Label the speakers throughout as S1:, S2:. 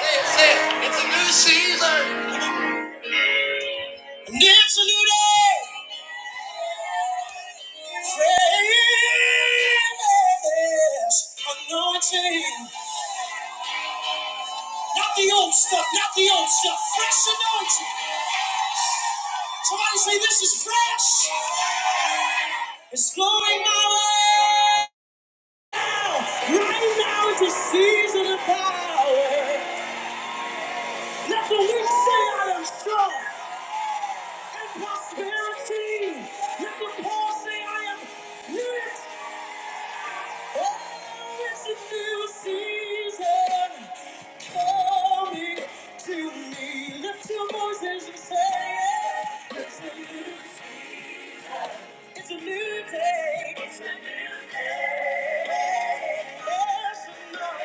S1: It's a new season. And it's a new day. Fresh anointing. Not the old stuff, not the old stuff. Fresh anointing. Somebody say this is fresh. It's flowing my way. Right now is the season of power. Let the weak say I am strong. And prosperity. Let the poor say I am rich. Oh, it's a new season coming to me. Lift your voices and say, It's a new, it's a new day. It's a new day. Yes,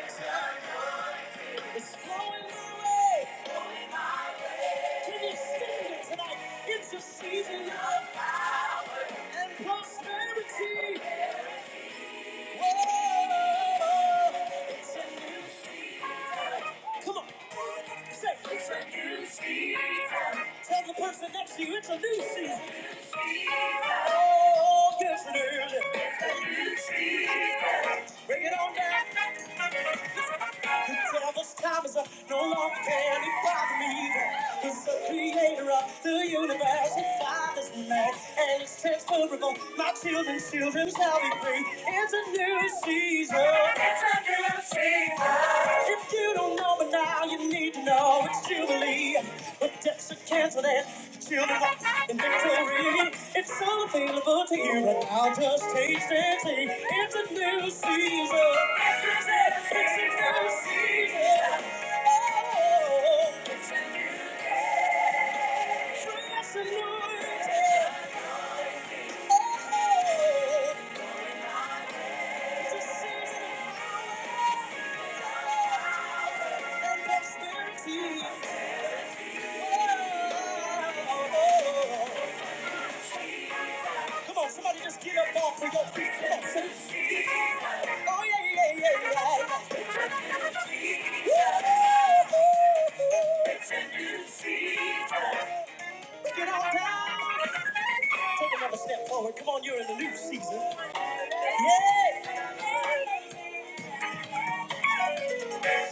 S1: it's anointing. It's flowing my way. Flowing my way. Can you stand it tonight? It's a season of power and prosperity. Come on. Say, it's a new season. Tell the person next to you it's a new season. Oh, yes, it is. It's a new season. Bring it on down. The devil's time is up. No longer can he bother me. He's the creator of the universe. He fathers man, and it's transferable. My children's children shall be free. It's a new season. It's a new season. If you don't know, but now you need to know it's Jubilee. The debts are canceled and the children walk in victory. It's all available to you, and I'll just taste and see. It's a new season. It's a new season. Oh, it's a fresh anointing. Oh, it's a season of power and prosperity. Come on, somebody just get up off of your feet. Come on, son. Oh, yeah, yeah, yeah, yeah. yeah. Woo! Get on down. Take another step forward. Come on, you're in the new season. Yeah.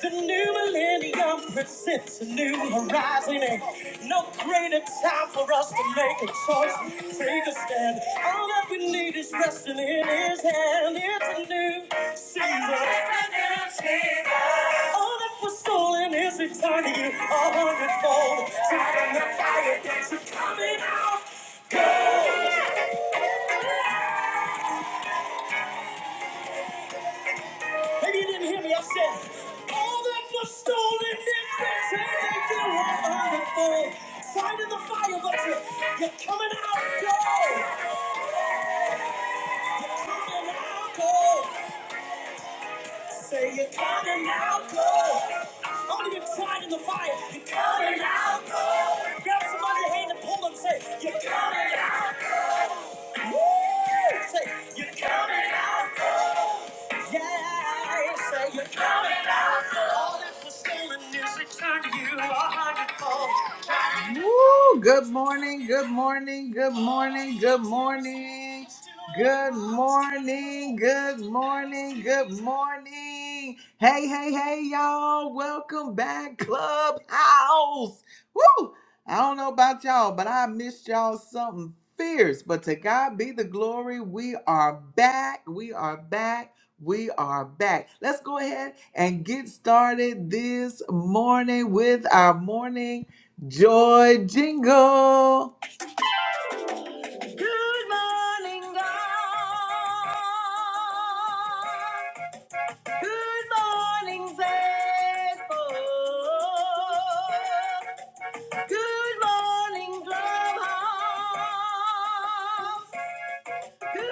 S1: The new millennium presents a new horizon. Ain't no greater time for us to make a choice. Take a stand. All that we need is resting in his hand. It's a new season. All that was stolen is returning you a hundredfold. Tried in the fire that you're coming out. Go! Maybe you didn't hear me. I said, all that was stolen is returning you a hundredfold. Tried in the fire, but you're, you're coming out. Go! You're coming out. Go! Say you're coming out. Go! How to get tried in the fire? You're coming out. Go! Grab somebody's hand and pull them. Say, you're coming out. Say, you're coming out cold. Yeah, say you're coming out cold. All that was stolen is recovered. Woo! Good morning, good morning, good morning, good morning. Good morning, good morning, good morning. Hey, hey, hey, y'all. Welcome back, Clubhouse. Woo! I don't know about y'all, but I missed y'all something fierce. But to God be the glory. We are back. We are back. We are back. Let's go ahead and get started this morning with our morning Joy jingle. Good morning, God. Good morning, Facebook. Good morning, Clubhouse.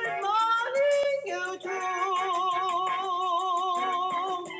S1: Good morning, YouTube.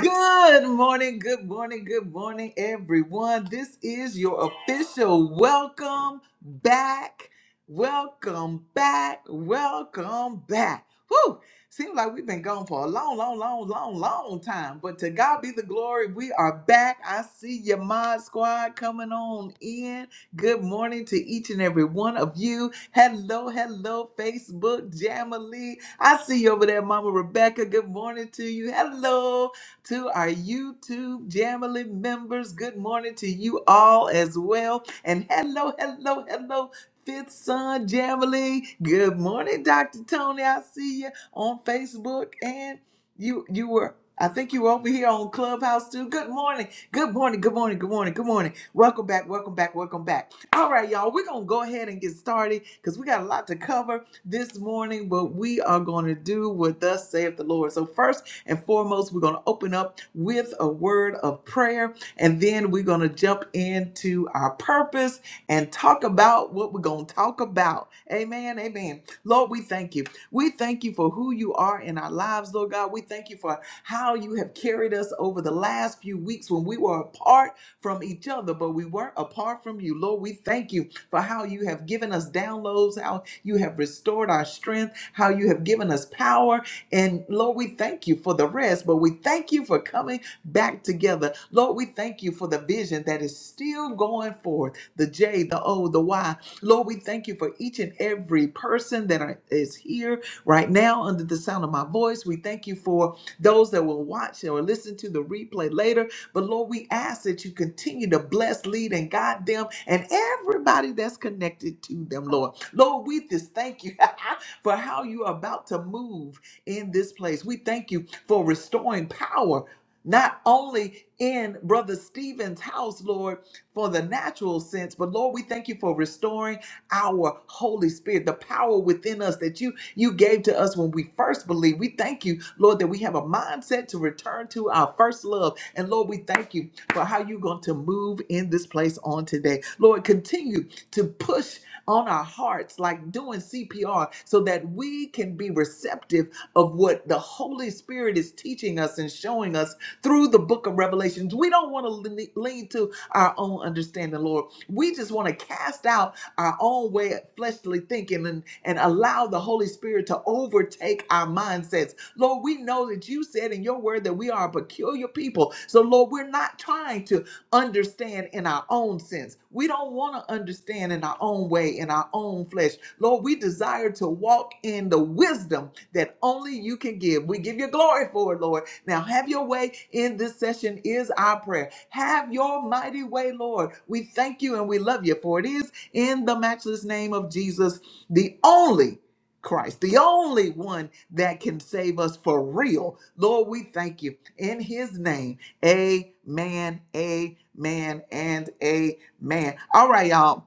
S1: Good morning, good morning, good morning, everyone. This is your official welcome back. Welcome back. Welcome back. Whew! Seems like we've been gone for a long, long, long, long, long time. But to God be the glory, we are back. I see your mod squad coming on in. Good morning to each and every one of you. Hello, hello, Facebook, Jamily. I see you over there, Mama Rebecca. Good morning to you. Hello to our YouTube Jamily members. Good morning to you all as well. And hello, hello, hello. Fifth Son Jamily. Good morning, Dr. Tony. I see you on Facebook and you you were I think you were over here on Clubhouse too. Good morning. Good morning. Good morning. Good morning. Good morning. Welcome back. Welcome back. Welcome back. All right, y'all. We're gonna go ahead and get started because we got a lot to cover this morning, but we are gonna do what thus saith the Lord. So first and foremost, we're going to open up with a word of prayer, and then we're going to jump into our purpose and talk about what we're going to talk about. Amen. Amen. Lord, we thank you. We thank you for who you are in our lives, Lord God. We thank you for how you have carried us over the last few weeks when we were apart from each other, but we weren't apart from you. Lord, we thank you for how you have given us downloads, how you have restored our strength, how you have given us power, and Lord, we thank you for the rest, but we thank you for coming back together. Lord, we thank you for the vision that is still going forth the J, the O, the Y. Lord, we thank you for each and every person that are- is here right now under the sound of my voice. We thank you for those that will watch or listen to the replay later. But Lord, we ask that you continue to bless, lead, and guide them and everybody that's connected to them, Lord. Lord, we just thank you for how you are about to move in this place. We thank you for restoring power not only in Brother Stephen's house, Lord, for the natural sense, but Lord, we thank you for restoring our Holy Spirit, the power within us that you you gave to us when we first believed. We thank you, Lord, that we have a mindset to return to our first love. And Lord, we thank you for how you're going to move in this place on today. Lord, continue to push on our hearts like like doing CPR so that we can be receptive of what the Holy Spirit is teaching us and showing us through the book of Revelations. We don't want to lean to our own understanding, Lord. We just want to cast out our own way of fleshly thinking and, and allow the Holy Spirit to overtake our mindsets. Lord, we know that you said in your word that we are a peculiar people. So, Lord, Lord, we're not trying to understand in our own sense. We don't want to understand in our own way, in our own flesh. Lord, we desire to walk in the wisdom that only you can give. We give you glory for it, Lord. Now, have your way in this session, is our prayer. Have your mighty way, Lord. We thank you and we love you, for it is in the matchless name of Jesus, the only. Christ, the only one that can save us for real. Lord, we thank you in his name. Amen, amen, and amen. All right, y'all.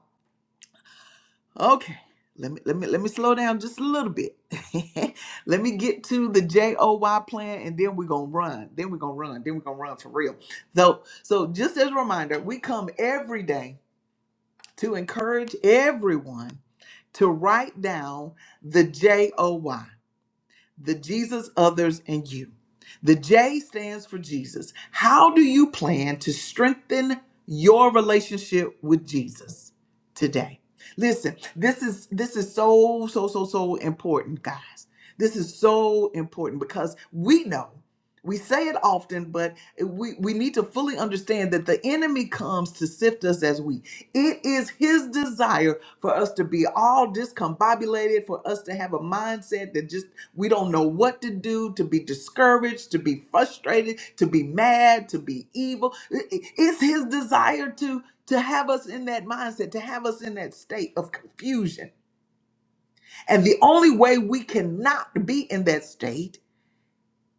S1: Okay. Let me let me let me slow down just a little bit. let me get to the J O Y plan and then we're gonna run. Then we're gonna run. Then we're gonna run for real. So so just as a reminder, we come every day to encourage everyone to write down the J O Y the Jesus, others, and you. The J stands for Jesus. How do you plan to strengthen your relationship with Jesus today? Listen, this is this is so so so so important, guys. This is so important because we know. We say it often, but we, we need to fully understand that the enemy comes to sift us as wheat. It is his desire for us to be all discombobulated, for us to have a mindset that just we don't know what to do, to be discouraged, to be frustrated, to be mad, to be evil. It- it- It's his desire to to have us in that mindset, to have us in that state of confusion. And the only way we cannot be in that state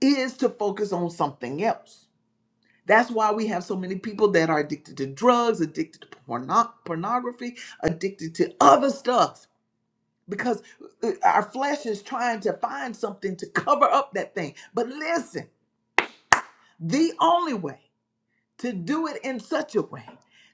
S1: is to focus on something else that's why we have so many people that are addicted to drugs, addicted to porno- pornography, addicted to other stuff because uh, our flesh is trying to find something to cover up that thing. But listen, the only way to do it in such a way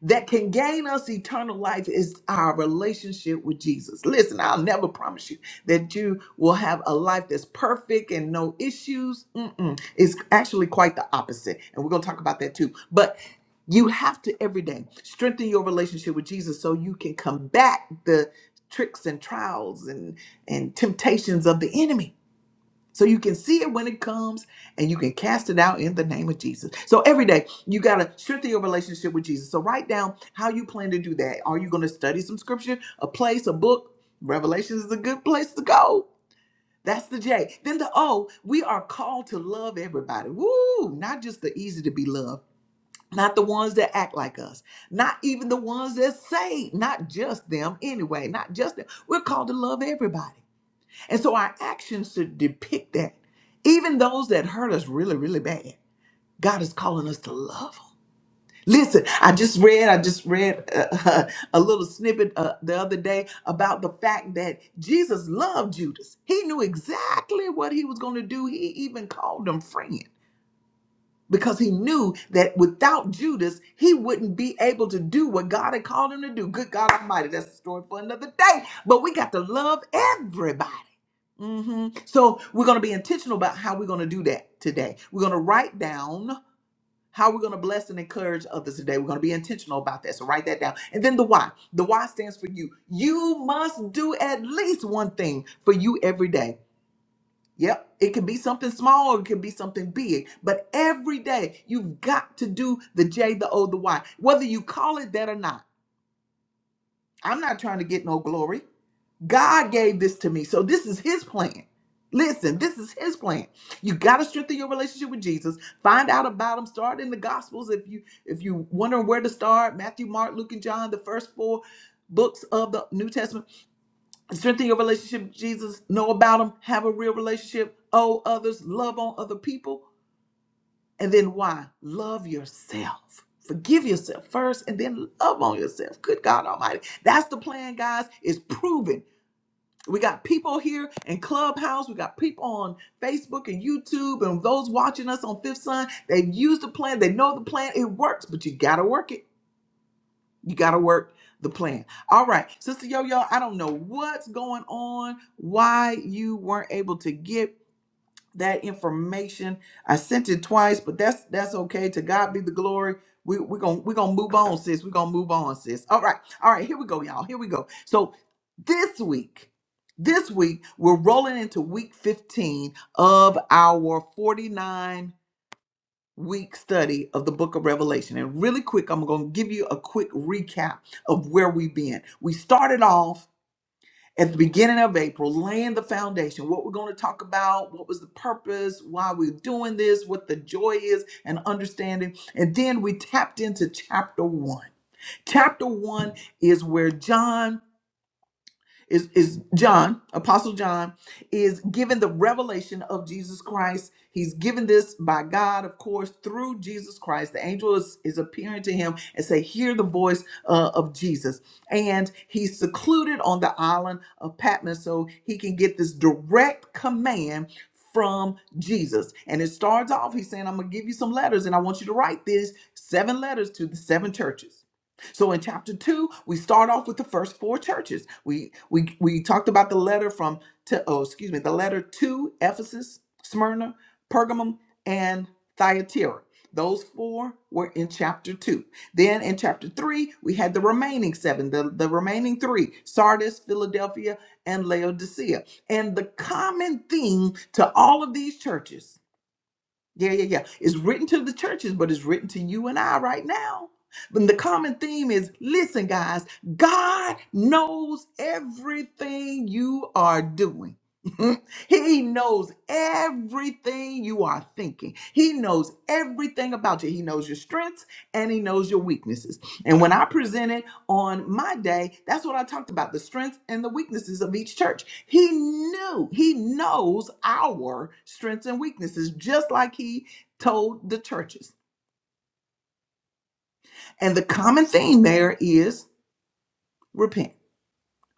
S1: that can gain us eternal life is our relationship with Jesus. Listen, I'll never promise you that you will have a life that's perfect and no issues. Mm-mm. It's actually quite the opposite. And we're going to talk about that too. But you have to every day strengthen your relationship with Jesus so you can combat the tricks and trials and, and temptations of the enemy so you can see it when it comes and you can cast it out in the name of Jesus. So every day you got to strengthen your relationship with Jesus. So write down how you plan to do that. Are you going to study some scripture, a place, a book? Revelation is a good place to go. That's the J. Then the O, we are called to love everybody. Woo! Not just the easy to be loved, not the ones that act like us, not even the ones that say, not just them anyway, not just them. We're called to love everybody. And so our actions should depict that. Even those that hurt us really, really bad, God is calling us to love them. Listen, I just read, I just read uh, a little snippet uh, the other day about the fact that Jesus loved Judas. He knew exactly what he was going to do. He even called him friend because he knew that without Judas, he wouldn't be able to do what God had called him to do. Good God Almighty, that's a story for another day. But we got to love everybody. hmm So we're going to be intentional about how we're going to do that today. We're going to write down how we're going to bless and encourage others today. We're going to be intentional about that. So write that down. And then the why. The why stands for you. You must do at least one thing for you every day. Yep, it can be something small, or it can be something big, but every day you've got to do the J, the O, the Y, whether you call it that or not. I'm not trying to get no glory. God gave this to me, so this is His plan. Listen, this is His plan. You got to strengthen your relationship with Jesus. Find out about Him. Start in the Gospels if you if you wondering where to start. Matthew, Mark, Luke, and John, the first four books of the New Testament strengthen your relationship with Jesus, know about him, have a real relationship, owe others, love on other people. And then why? Love yourself. Forgive yourself first and then love on yourself. Good God Almighty. That's the plan, guys. It's proven. We got people here in Clubhouse. We got people on Facebook and YouTube and those watching us on Fifth Sun. They've used the plan. They know the plan. It works, but you got to work it. You got to work the plan. All right, Sister Yo Yo, I don't know what's going on, why you weren't able to get that information. I sent it twice, but that's that's okay. To God be the glory. We, we're gonna we're gonna move on, sis. We're gonna move on, sis. All right, all right, here we go, y'all. Here we go. So this week, this week, we're rolling into week 15 of our 49 week study of the book of Revelation. And really quick, I'm going to give you a quick recap of where we've been. We started off at the beginning of April, laying the foundation, what we're going to talk about, what was the purpose, why we're doing this, what the joy is, and understanding. And then we tapped into chapter one. Chapter one is where John is, is John, Apostle John, is given the revelation of Jesus Christ. He's given this by God, of course, through Jesus Christ. The angel is, is appearing to him and say, hear the voice uh, of Jesus. And he's secluded on the island of Patmos so he can get this direct command from Jesus. And it starts off, he's saying, I'm going to give you some letters and I want you to write this seven letters to the seven churches so in chapter two, we start off with the first four churches. We we we talked about the letter from to oh excuse me, the letter to Ephesus, Smyrna, Pergamum, and Thyatira. Those four were in chapter two. Then in chapter three, we had the remaining seven, the, the remaining three, Sardis, Philadelphia, and Laodicea. And the common theme to all of these churches yeah, yeah, yeah. It's written to the churches, but it's written to you and I right now. But the common theme is listen, guys, God knows everything you are doing. He knows everything you are thinking. He knows everything about you. He knows your strengths and he knows your weaknesses. And when I presented on my day, that's what I talked about the strengths and the weaknesses of each church. He knew, he knows our strengths and weaknesses, just like he told the churches. And the common theme there is repent,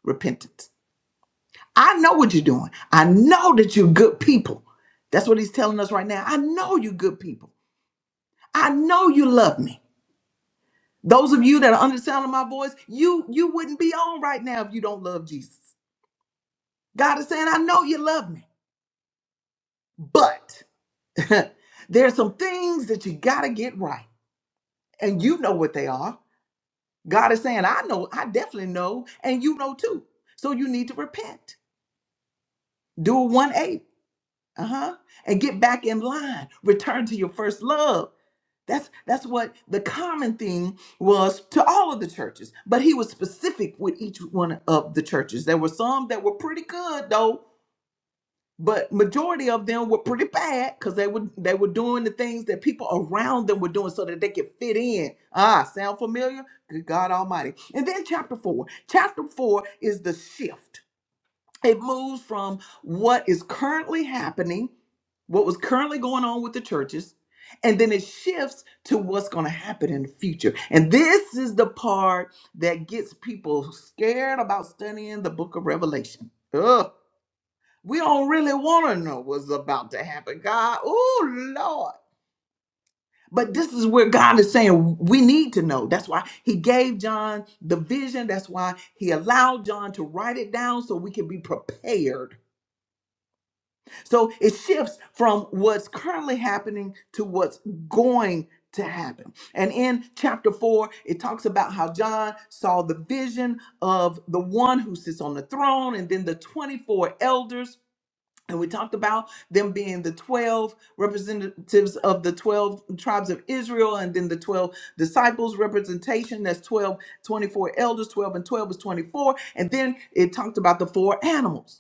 S1: repentance. I know what you're doing, I know that you're good people. That's what he's telling us right now. I know you good people. I know you love me. Those of you that are under the sound of my voice, you you wouldn't be on right now if you don't love Jesus. God is saying, I know you love me, but there's some things that you gotta get right. And you know what they are. God is saying, I know, I definitely know, and you know too. So you need to repent. Do a 180 uh-huh and get back in line return to your first love that's that's what the common thing was to all of the churches but he was specific with each one of the churches there were some that were pretty good though but majority of them were pretty bad because they were they were doing the things that people around them were doing so that they could fit in ah sound familiar good god almighty and then chapter four chapter four is the shift it moves from what is currently happening, what was currently going on with the churches, and then it shifts to what's going to happen in the future. And this is the part that gets people scared about studying the book of Revelation. Ugh. We don't really want to know what's about to happen, God. Oh, Lord. But this is where God is saying we need to know. That's why He gave John the vision. That's why He allowed John to write it down so we can be prepared So it shifts from what's currently happening to what's going to happen. And in chapter 4, it talks about how John saw the vision of the one who sits on the throne and then the 24 elders. And we talked about them being the 12 representatives of the 12 tribes of Israel and then the 12 disciples representation. That's 12, 24 elders, 12 and 12 is 24. And then it talked about the four animals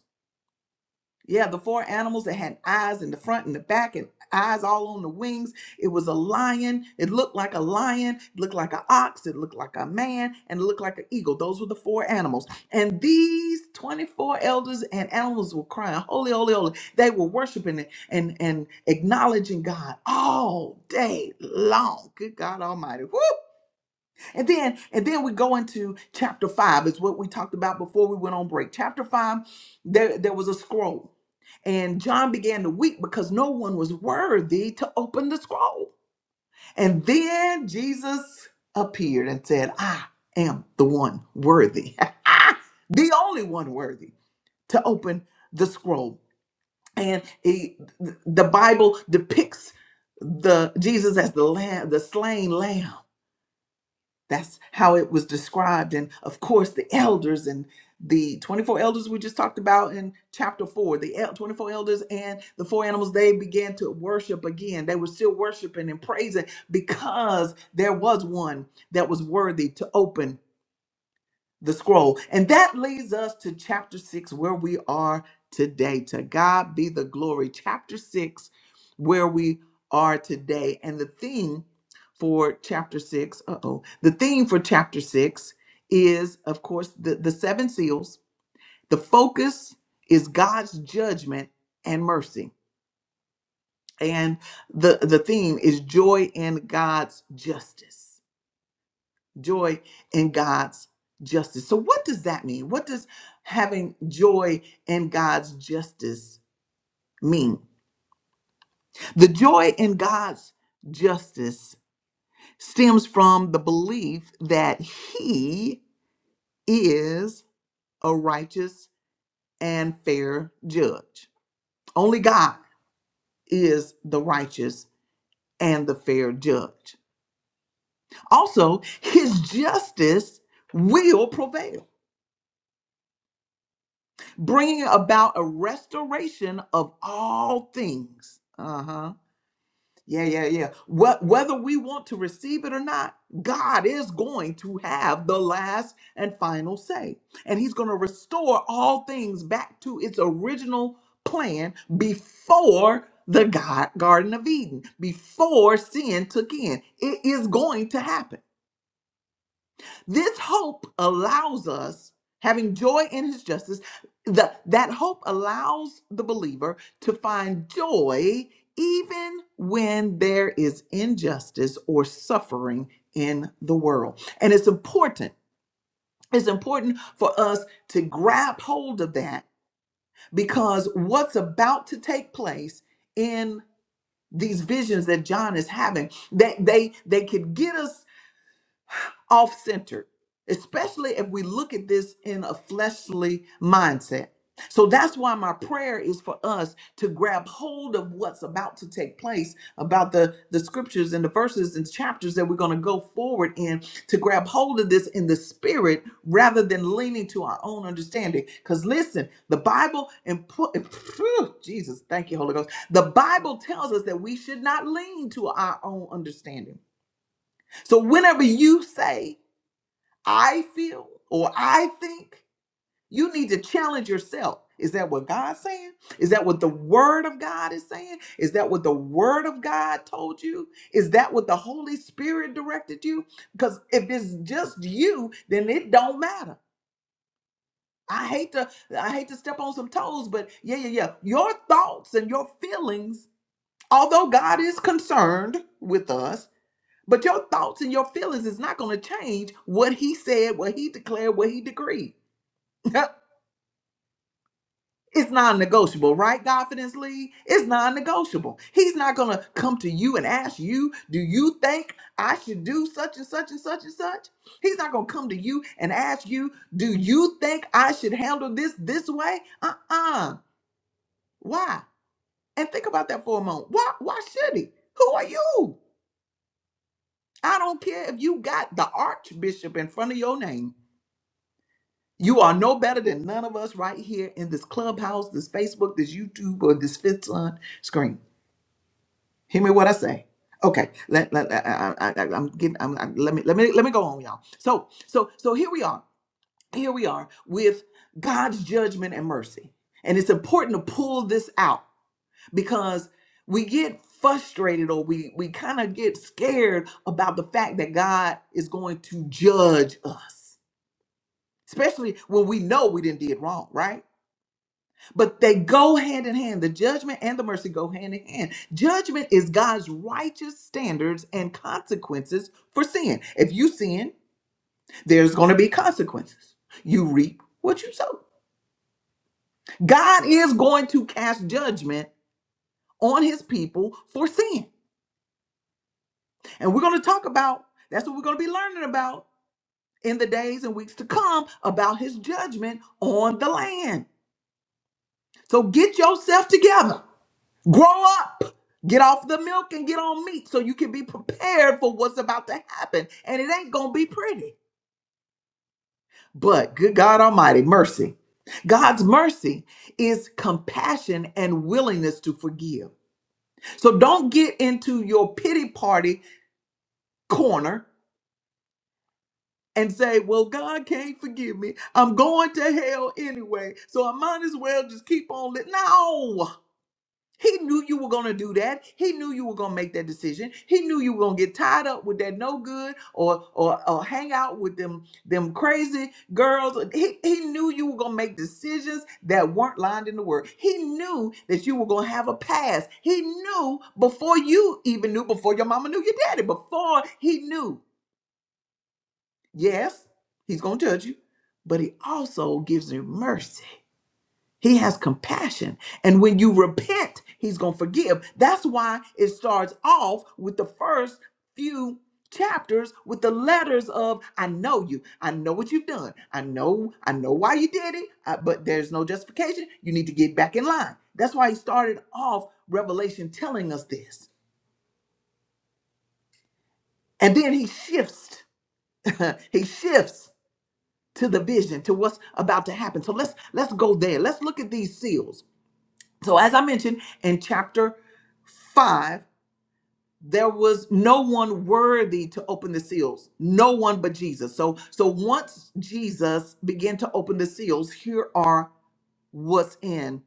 S1: yeah, the four animals that had eyes in the front and the back and eyes all on the wings. It was a lion. It looked like a lion. It looked like an ox. It looked like a man. And it looked like an eagle. Those were the four animals. And these 24 elders and animals were crying, Holy, holy, holy. They were worshiping it and, and acknowledging God all day long. Good God Almighty. Woo! And then and then we go into chapter five, is what we talked about before we went on break. Chapter five, there, there was a scroll. And John began to weep because no one was worthy to open the scroll. And then Jesus appeared and said, I am the one worthy, the only one worthy to open the scroll. And he- the Bible depicts the Jesus as the lamb, the slain lamb that's how it was described. And of course, the elders and the 24 elders we just talked about in chapter 4, the el- 24 elders and the four animals, they began to worship again. They were still worshiping and praising because there was one that was worthy to open the scroll. And that leads us to chapter six, where we are today. To God be the glory. Chapter six, where we are today. And the theme for chapter six, uh oh, the theme for chapter six is, of course, the, the seven seals. The focus is God's judgment and mercy. And the, the theme is joy in God's justice joy in God's justice. So, what does that mean? What does having joy in God's justice mean? The joy in God's justice stems from the belief that He is a righteous and fair judge. Only God is the righteous and the fair judge. Also, His justice will prevail. bringing about a restoration of all things. Uh huh. Yeah, yeah, yeah. What, whether we want to receive it or not, God is going to have the last and final say. And He's going to restore all things back to its original plan before the God, Garden of Eden, before sin took in. It is going to happen. This hope allows us, having joy in his justice, the, that hope allows the believer to find joy even when there is injustice or suffering in the world. And it's important. It's important for us to grab hold of that because what's about to take place in these visions that John is having, that they they could get us off centered, especially if we look at this in a fleshly mindset. So that's why my prayer is for us to grab hold of what's about to take place, about the, the scriptures and the verses and chapters that we're going to go forward in, to grab hold of this in the spirit rather than leaning to our own understanding. Because listen, the Bible and put Jesus, thank you, Holy Ghost. The Bible tells us that we should not lean to our own understanding. So whenever you say I feel or I think. You need to challenge yourself. Is that what God's saying? Is that what the Word of God is saying? Is that what the Word of God told you? Is that what the Holy Spirit directed you? Because if it's just you, then it don't matter. I hate to I hate to step on some toes, but yeah, yeah, yeah. Your thoughts and your feelings, although God is concerned with us, but your thoughts and your feelings is not going to change what He said, what He declared, what He decreed. Yep. It's non-negotiable, right? Confidence Lee. It's non-negotiable. He's not gonna come to you and ask you, do you think I should do such and such and such and such? He's not gonna come to you and ask you, do you think I should handle this this way? Uh-uh. Why? And think about that for a moment. Why why should he? Who are you? I don't care if you got the archbishop in front of your name. You are no better than none of us right here in this clubhouse, this Facebook, this YouTube, or this fifth son screen. Hear me what I say. Okay, let, let I, I, I, I'm getting. I'm, I, let me let me let me go on, y'all. So so so here we are. Here we are with God's judgment and mercy, and it's important to pull this out because we get frustrated or we we kind of get scared about the fact that God is going to judge us, especially when we know we didn't did wrong, right? but they go hand in hand. The judgment and the mercy go hand in hand. Judgment is God's righteous standards and consequences for sin. If you sin, there's going to be consequences. You reap what you sow. God is going to cast judgment on his people for sin. And we're going to talk about that's what we're going to be learning about in the days and weeks to come about his judgment on the land. So get yourself together Grow up. Get off the milk and get on meat so you can be prepared for what's about to happen. And it ain't going to be pretty. But good God Almighty, mercy. God's mercy is compassion and willingness to forgive. So don't get into your pity party corner and say, Well, God can't forgive me. I'm going to hell anyway. So I might as well just keep on living. No. He knew you were going to do that. He knew you were going to make that decision. He knew you were going to get tied up with that no good or or, or hang out with them them crazy girls. He, he knew you were going to make decisions that weren't lined in the word. He knew that you were going to have a past. He knew before you even knew, before your mama knew your daddy, before he knew. Yes, he's going to judge you, but he also gives you mercy he has compassion. And when you repent, he's going to forgive. That's why it starts off with the first few chapters with the letters of I know you. I know what you've done. I know I know why you did it, uh, but there's no justification. You need to get back in line. That's why he started off Revelation telling us this. And then he shifts. he shifts to the vision, to what's about to happen. So let's let's go there. Let's look at these seals. So as I mentioned in chapter 5 there was no one worthy to open the seals no one but jesus so so once jesus began to open the seals here are what's in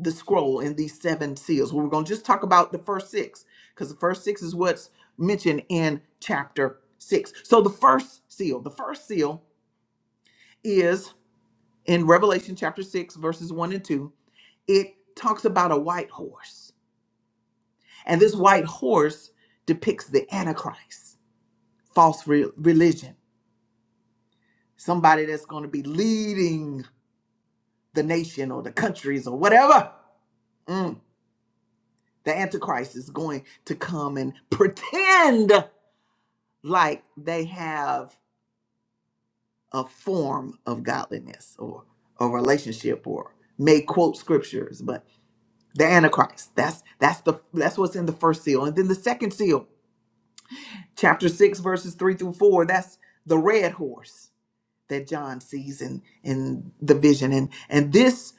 S1: the scroll in these seven seals Well, we're going to just talk about the first six because the first six is what's mentioned in chapter 6 so the first seal the first seal is in revelation chapter 6 verses 1 and 2 it talks about a white horse and this white horse depicts the antichrist false re- religion, somebody that's going to be leading the nation or the countries or whatever. Mm. The Antichrist is going to come and pretend like they have a form of godliness or a relationship or may quote scriptures, but the Antichrist. That's that's the that's what's in the first seal. And then the second seal, chapter six, verses three through four, that's the red horse. that John sees in in the vision and and this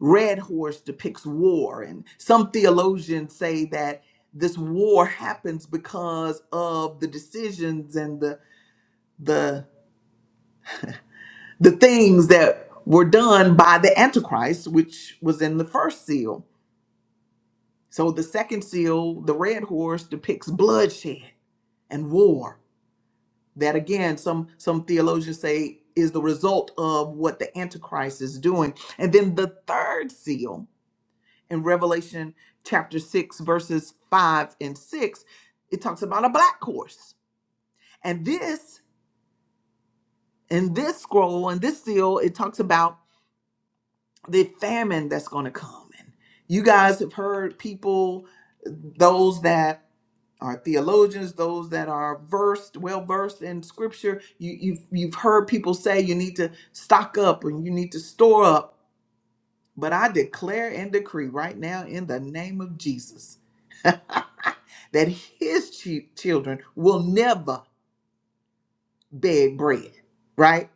S1: red horse depicts war and some theologians say that this war happens because of the decisions and the the the things that were done by the antichrist which was in the first seal so the second seal the red horse depicts bloodshed and war that again some some theologians say is the result of what the antichrist is doing and then the third seal in revelation chapter 6 verses 5 and 6 it talks about a black horse and this in this scroll in this seal it talks about the famine that's going to come and you guys have heard people those that Our theologians, those that are versed, well versed in scripture. You, you've you've heard people say you need to stock up and you need to store up. But I declare and decree right now in the name of Jesus that his chi- children will never beg bread, right?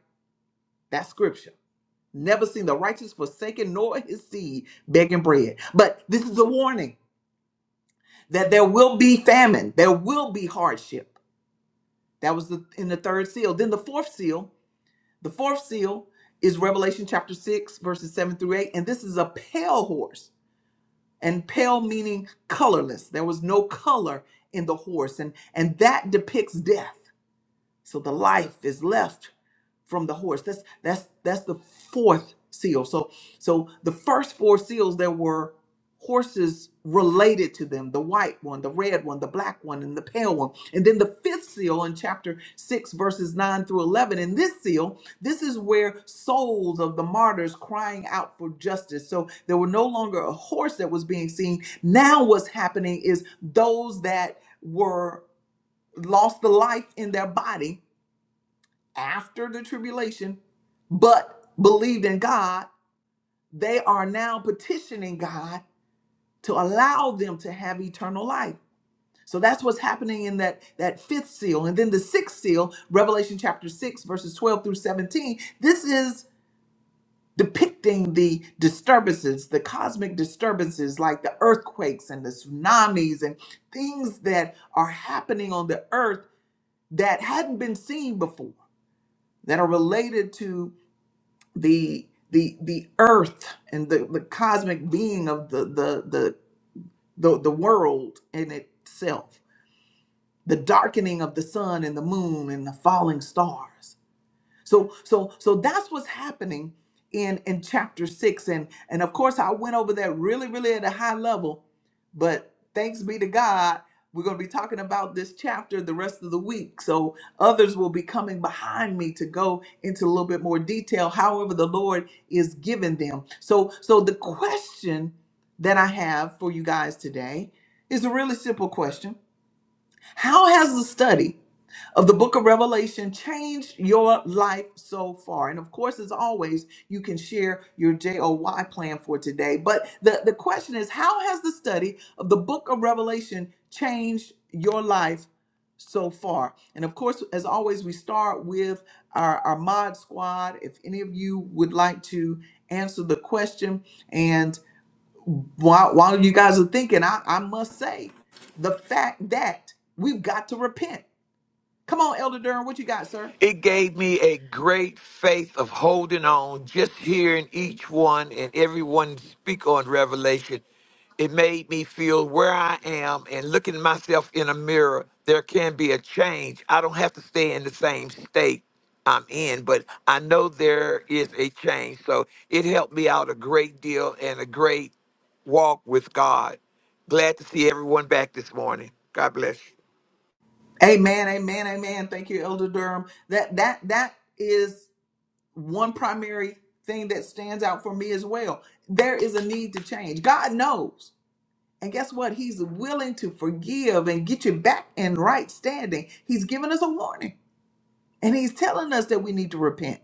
S1: That's scripture. Never seen the righteous forsaken nor his seed begging bread. But this is a warning that there will be famine, there will be hardship. That was the in the third seal. Then the fourth seal, the fourth seal is Revelation chapter 6, verses 7 through 8. And this is a pale horse. And pale meaning colorless. There was no color in the horse. And and that depicts death. So the life is left from the horse. That's that's that's the fourth seal. So so the first four seals there were horses related to them, the white one, the red one, the black one, and the pale one. And then the fifth seal in chapter 6 verses 9 through 11. In this seal, this is where souls of the martyrs crying out for justice. So there were no longer a horse that was being seen. Now what's happening is those that were lost the life in their body after the tribulation, but believed in God, they are now petitioning God to allow them to have eternal life. So that's what's happening in that, that fifth seal. And then the sixth seal, Revelation chapter 6, verses 12 through 17, this is depicting the disturbances, the cosmic disturbances like the earthquakes and the tsunamis and things that are happening on the earth that hadn't been seen before, that are related to the the the earth and the, the cosmic being of the the, the the the world in itself the darkening of the sun and the moon and the falling stars so so so that's what's happening in in chapter 6 and and of course I went over that really really at a high level but thanks be to God we're going to be talking about this chapter the rest of the week. So others will be coming behind me to go into a little bit more detail however the Lord is giving them. So so the question that I have for you guys today is a really simple question. How has the study of the book of Revelation changed your life so far? And of course, as always, you can share your JOY plan for today. But the, the question is how has the study of the book of Revelation changed your life so far? And of course, as always, we start with our, our mod squad. If any of you would like to answer the question, and while, while you guys are thinking, I, I must say the fact that we've got to repent Come on, Elder Durham, what you got, sir?
S2: It gave me a great faith of holding on, just hearing each one and everyone speak on Revelation. It made me feel where I am and looking at myself in a mirror, there can be a change. I don't have to stay in the same state I'm in, but I know there is a change. So it helped me out a great deal and a great walk with God. Glad to see everyone back this morning. God bless you.
S1: Amen, amen, amen. Thank you, Elder Durham. That that that is one primary thing that stands out for me as well. There is a need to change. God knows. And guess what? He's willing to forgive and get you back in right standing. He's giving us a warning. And he's telling us that we need to repent.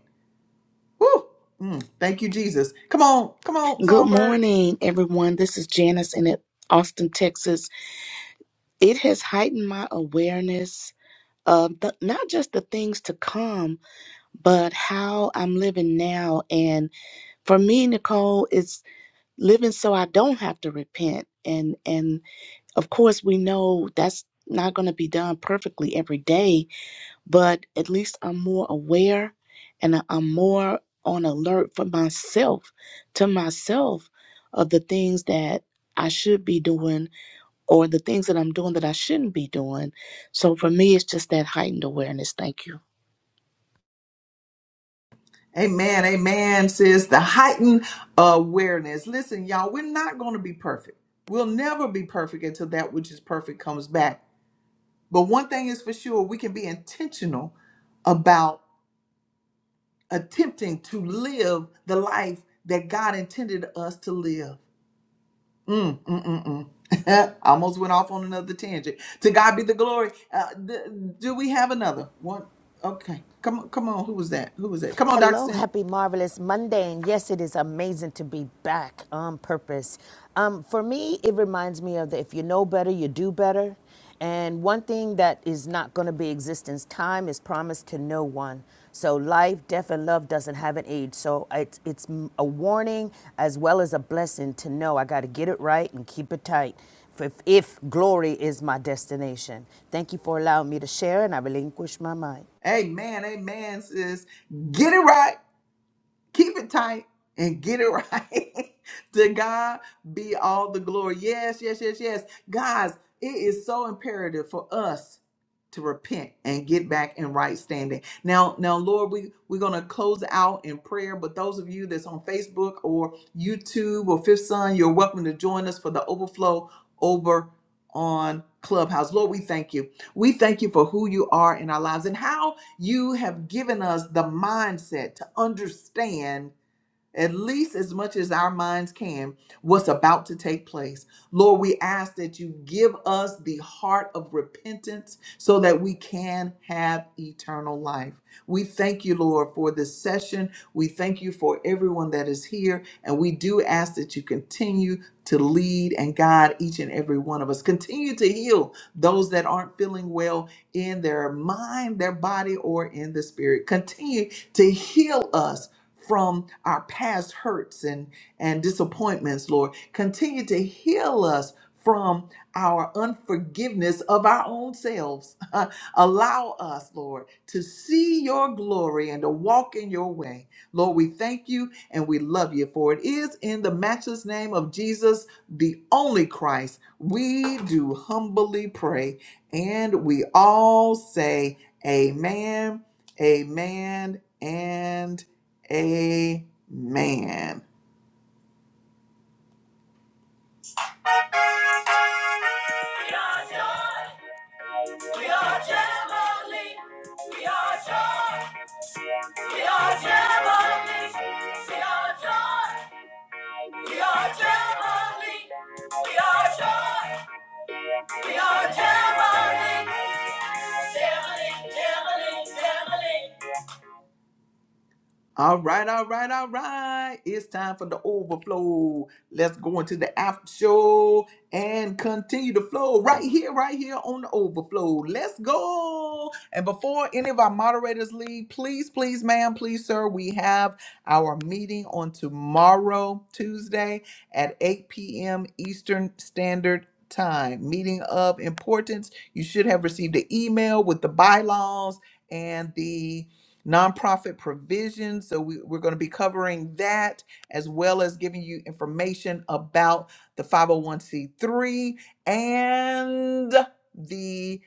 S1: Woo! Mm, thank you, Jesus. Come on, come on,
S3: Good
S1: Songbird.
S3: morning, everyone. This is Janice in at Austin, Texas. It has heightened my awareness of the, not just the things to come, but how I'm living now. And for me, Nicole, it's living so I don't have to repent. And and of course, we know that's not going to be done perfectly every day, but at least I'm more aware and I- I'm more on alert for myself, to myself, of the things that I should be doing or the things that I'm doing that I shouldn't be doing. So for me, it's just that heightened awareness. Thank you.
S1: Amen, amen, sis. The heightened awareness. Listen, y'all, we're not going to be perfect. We'll never be perfect until that which is perfect comes back. But one thing is for sure, we can be intentional about attempting to live the life that God intended us to live. Mm, mm, mm, mm. I Almost went off on another tangent. To God be the glory. Uh, th- do we have another one? Okay, come on, come on. Who was that? Who was that? Come on, Doctor
S4: Hello,
S1: Cindy.
S4: happy marvelous Monday, and yes, it is amazing to be back on purpose. Um, for me, it reminds me of the if you know better, you do better. And one thing that is not going to be existence, time is promised to no one. So life, death, and love doesn't have an age. So it's it's a warning as well as a blessing to know I got to get it right and keep it tight. If, if glory is my destination, thank you for allowing me to share, and I relinquish my mind.
S1: Amen, amen, sis. Get it right, keep it tight, and get it right. to God be all the glory. Yes, yes, yes, yes. Guys, it is so imperative for us to repent and get back in right standing. Now, now, Lord, we, we're gonna close out in prayer, but those of you that's on Facebook or YouTube or Fifth Son, you're welcome to join us for the overflow over on Clubhouse. Lord, we thank you. We thank you for who you are in our lives and how you have given us the mindset to understand at least as much as our minds can what's about to take place. Lord, we ask that you give us the heart of repentance so that we can have eternal life. We thank you, Lord, for this session. We thank you for everyone that is here. And we do ask that you continue to lead and guide each and every one of us. Continue to heal those that aren't feeling well in their mind, their body, or in the spirit. Continue to heal us from our past hurts and, and disappointments, Lord. Continue to heal us from our unforgiveness of our own selves. Allow us, Lord, to see your glory and to walk in your way. Lord, we thank you and we love you for it is in the matchless name of Jesus, the only Christ. We do humbly pray and we all say amen, amen, and amen. We are joy, we are Jamboree. We are joy, we are Jamboree. We are joy, we are Jamboree. We are joy. We are Jamboree, Jamboree, Jamboree, Jamboree. All right, all right, all right. It's time for the overflow. Let's go into the after show and continue the flow right here, right here on the overflow. Let's go. And before any of our moderators leave, please, please, ma'am, please, sir, we have our meeting on tomorrow, Tuesday at 8 p.m. Eastern Standard Time. Meeting of importance. You should have received an email with the bylaws and the nonprofit provisions. So we, we're going to be covering that as well as giving you information about the 501c3 and the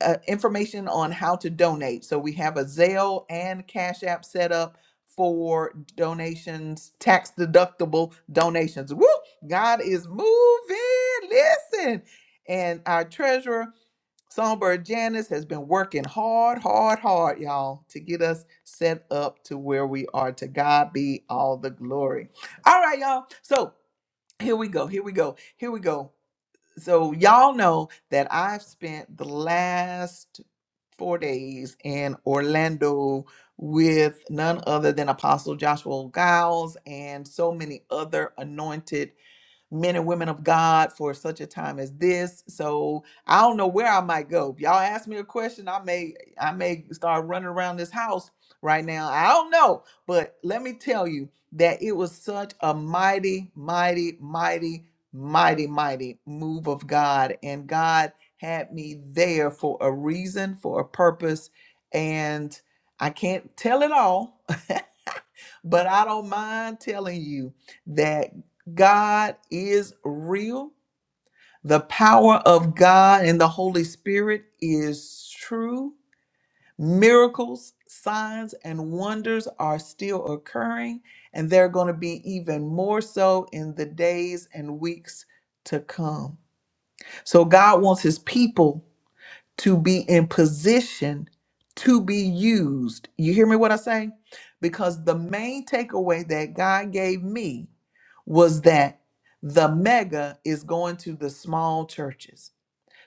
S1: uh, information on how to donate. So we have a Zelle and Cash App set up for donations, tax deductible donations. Woo! God is moving. Listen. And our treasurer Songbird Janice has been working hard, hard, hard, y'all, to get us set up to where we are. To God be all the glory. All right, y'all. So here we go. Here we go. Here we go. So y'all know that I've spent the last four days in Orlando with none other than Apostle Joshua Giles and so many other anointed men and women of God for such a time as this. So I don't know where I might go. If y'all ask me a question, I may I may start running around this house right now. I don't know, but let me tell you that it was such a mighty, mighty, mighty, mighty, mighty move of God, and God had me there for a reason, for a purpose, and I can't tell it all. But I don't mind telling you that God is real. The power of God and the Holy Spirit is true. Miracles, signs, and wonders are still occurring, and they're going to be even more so in the days and weeks to come. So, God wants His people to be in position to be used. You hear me what I say? Because the main takeaway that God gave me was that the mega is going to the small churches.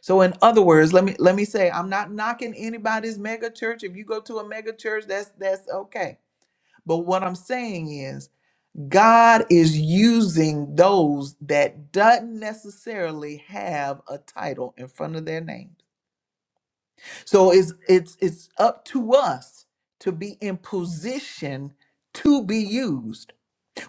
S1: So in other words, let me let me say I'm not knocking anybody's mega church. If you go to a mega church, that's that's okay. But what I'm saying is God is using those that doesn't necessarily have a title in front of their name. So it's it's it's up to us to be in position to be used.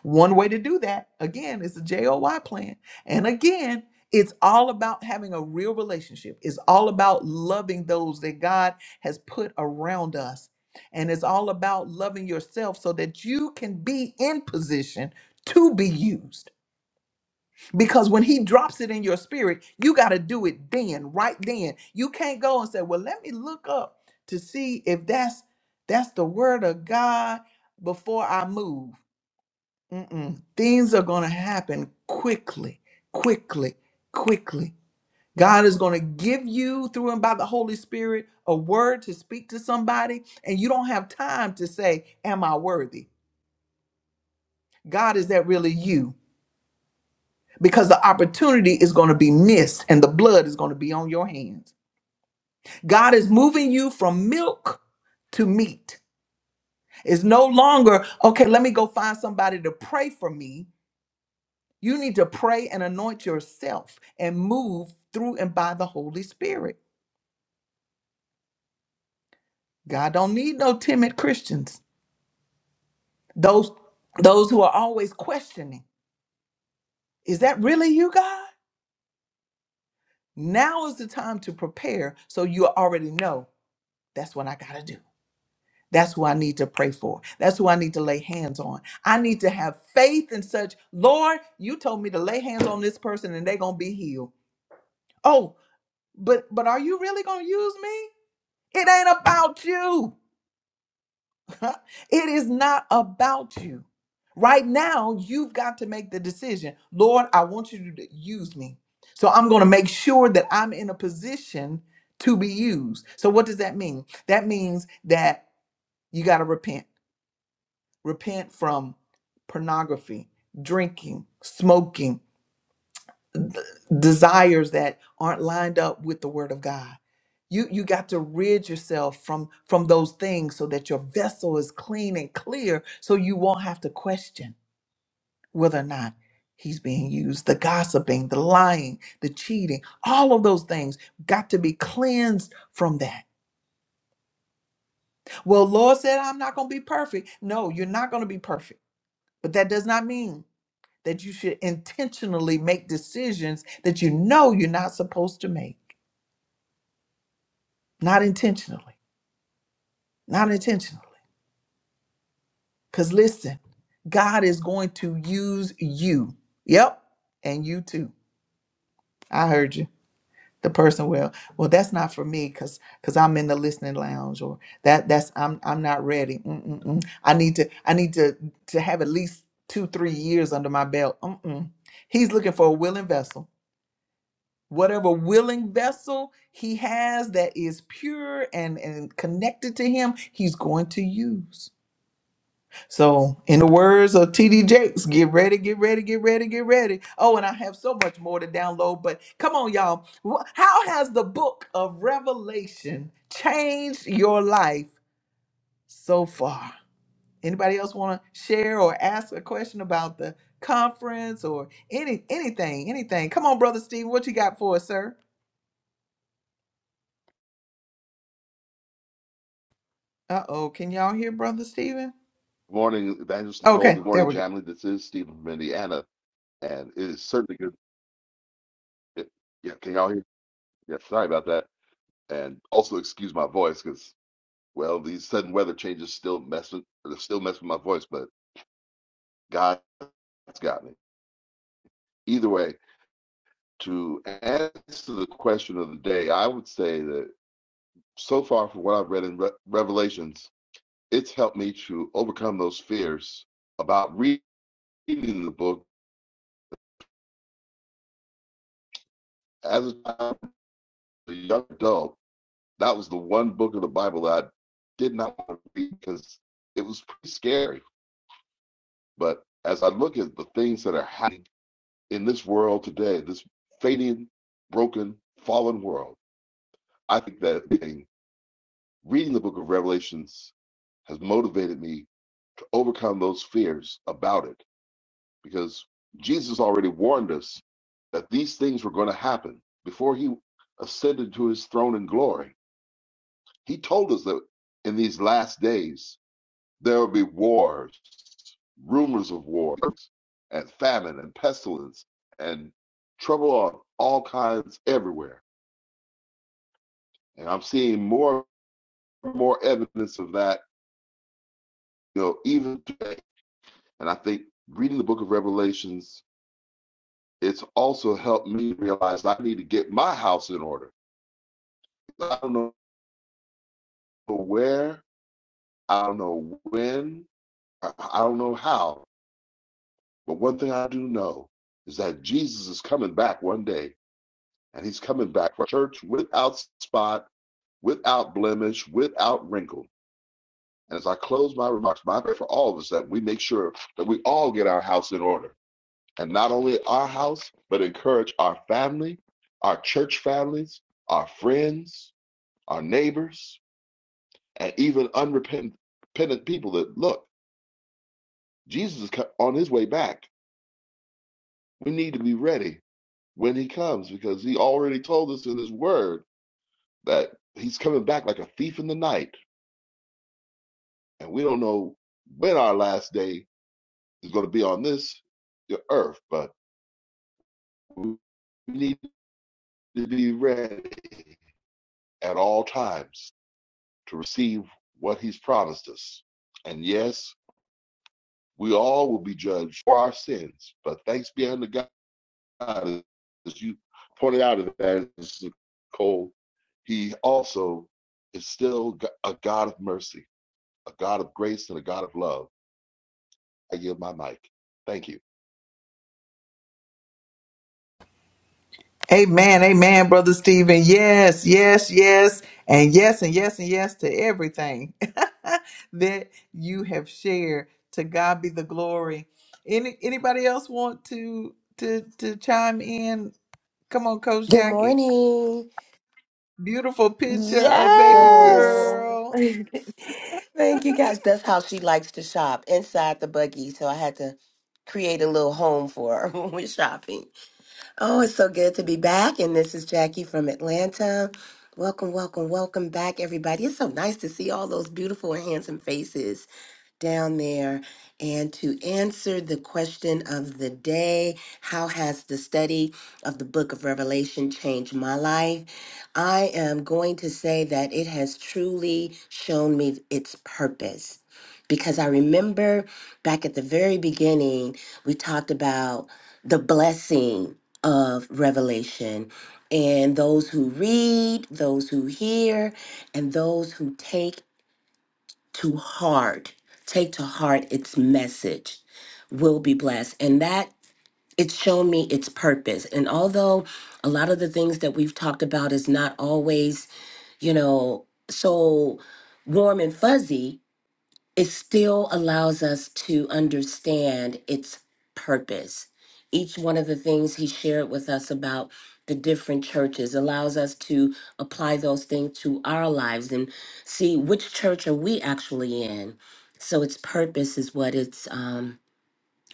S1: One way to do that, again, is the JOY plan. And again, it's all about having a real relationship. It's all about loving those that God has put around us. And it's all about loving yourself so that you can be in position to be used. Because when he drops it in your spirit, you got to do it then, right then. You can't go and say, "Well, let me look up to see if that's that's the word of God before I move." Mm-mm. Things are going to happen quickly, quickly, quickly. God is going to give you through and by the Holy Spirit a word to speak to somebody, and you don't have time to say, "Am I worthy?" God, is that really you? because the opportunity is going to be missed and the blood is going to be on your hands. God is moving you from milk to meat. It's no longer, okay, let me go find somebody to pray for me. You need to pray and anoint yourself and move through and by the Holy Spirit. God don't need no timid Christians. Those those who are always questioning, is that really you, God? Now is the time to prepare so you already know that's what I got to do. That's who I need to pray for. That's who I need to lay hands on. I need to have faith in such, Lord, you told me to lay hands on this person and they're gonna be healed. Oh, but but are you really gonna use me? It ain't about you. it is not about you. Right now, you've got to make the decision. Lord, I want you to use me. So I'm gonna make sure that I'm in a position to be used. So what does that mean? That means that you gotta repent repent from pornography, drinking, smoking, d- desires that aren't lined up with the word of God. You you got to rid yourself from from those things so that your vessel is clean and clear so you won't have to question whether or not he's being used. The gossiping, the lying, the cheating, all of those things got to be cleansed from that. Well, Lord said I'm not going to be perfect. No, you're not going to be perfect. But that does not mean that you should intentionally make decisions that you know you're not supposed to make. Not intentionally. Not intentionally. Because listen, God is going to use you. Yep. And you too. I heard you. The person will. well, that's not for me because because I'm in the listening lounge or that that's I'm I'm not ready. Mm-mm-mm. I need to I need to to have at least two three years under my belt. Mm-mm. He's looking for a willing vessel whatever willing vessel he has that is pure and, and connected to him, he's going to use. So, in the words of TD Jakes, get ready, get ready, get ready, get ready. Oh, and I have so much more to download, but come on, y'all. Wh- How has the book of Revelation changed your life so far? Anybody else want to share or ask a question about the conference or any anything, anything? Come on, brother Steve, what you got for us, sir? Uh-oh, can y'all hear Brother Stephen?
S5: Good morning, Evangelist Nicole.
S1: Okay,
S5: Good
S1: there
S5: morning,
S1: we go.
S5: Jamily. This is Stephen from Indiana, and it is certainly good. it- yeah, can y'all hear? Yeah, sorry about that. And also excuse my voice because, well, these sudden weather changes still messing, they're still messing with my voice, but God's got me. Either way, to answer the question of the day, I would say that so far from what I've read in Re- Revelations, it's helped me to overcome those fears about reading the book as a child, a young adult That was the one book of the Bible that I did not want to read because it was pretty scary. But as I look at the things that are happening in this world today, this fading, broken, fallen world, I think that reading reading the book of Revelations has motivated me to overcome those fears about it because Jesus already warned us that these things were going to happen before he ascended to his throne in glory. He told us that in these last days There will be wars, rumors of wars, and famine and pestilence and trouble on all kinds everywhere. And I'm seeing more and more evidence of that, you know, even today. And I think reading the book of Revelations, it's also helped me realize I need to get my house in order. I don't know where, I don't know when, I I don't know how. But one thing I do know is that Jesus is coming back one day And he's coming back for a church without spot, without blemish, without wrinkle. And as I close my remarks, my prayer for all of us that we make sure that we all get our house in order. And not only our house, but encourage our family, our church families, our friends, our neighbors, and even unrepentant people that look, Jesus is on his way back. We need to be ready when he comes because he already told us in his word that he's coming back like a thief in the night And we don't know when our last day is going to be on this earth, but we need to be ready at all times to receive what he's promised us. And yes, we all will be judged for our sins, but thanks be unto God, as you pointed out, in Evangelist Nicole, he also is still a God of mercy, a God of grace, and a God of love. I give my mic. Thank you.
S1: Amen, amen, Brother Stephen. Yes, yes, yes, and yes, and yes, and yes to everything that you have shared. To God be the glory. Any anybody else want to to to chime in? Come on, Coach
S6: Good
S1: Jackie.
S6: morning.
S1: Beautiful picture of baby
S4: Yes.
S6: Well,
S1: girl.
S6: thank you guys. That's how she likes to shop inside the buggy. So I had to create a little home for her when we're shopping. Oh, it's so good to be back. And this is Jackie from Atlanta. Welcome, welcome, welcome back, everybody. It's so nice to see all those beautiful and handsome faces down there and to answer the question of the day How has the study of the book of Revelation changed my life? I am going to say that it has truly shown me its purpose. Because I remember back at the very beginning, we talked about the blessing of Revelation and those who read, those who hear, and those who take to heart, take to heart its message, will be blessed. And that it's shown me its purpose. And although a lot of the things that we've talked about is not always, you know, so warm and fuzzy, it still allows us to understand its purpose. Each one of the things he shared with us about the different churches allows us to apply those things to our lives and see which church are we actually in. So its purpose is what it's um,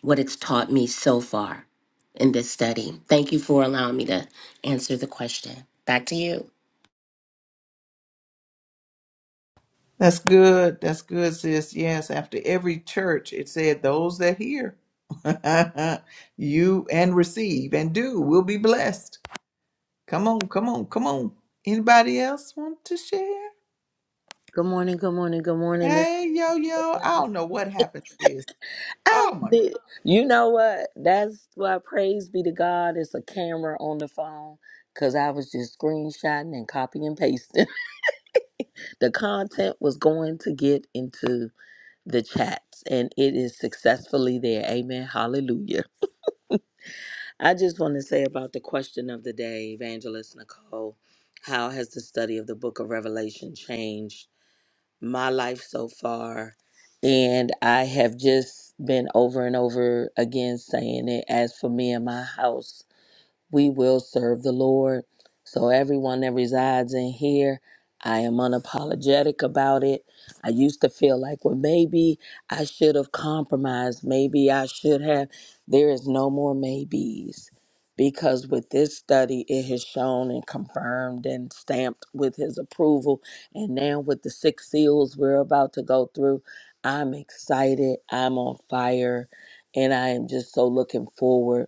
S6: what it's taught me so far in this study. Thank you for allowing me to answer the question. Back to you.
S1: That's good. That's good, sis. Yes, after every church, it said, Those that hear, you and receive and do will be blessed. Come on, come on, come on. Anybody else want to share?
S7: Good morning, good morning, good morning. It's-
S1: Hey, yo, yo. I don't know what happened, sis. Oh,
S7: Oh,
S1: my God.
S7: the- you know what? That's why praise be to God. It's a camera on the phone because I was just screenshotting and copy and pasting. The content was going to get into the chats and it is successfully there. Amen. Hallelujah. I just want to say about the question of the day, Evangelist Nicole, how has the study of the book of Revelation changed? my life so far. And I have just been over and over again saying it as for me and my house we will serve the Lord. So, everyone that resides in here, I am unapologetic about it. I used to feel like, well, maybe I should have compromised. Maybe I should have. There is no more maybes because with this study, it has shown and confirmed and stamped with his approval. And now, with the six seals we're about to go through, I'm excited. I'm on fire. And I am just so looking forward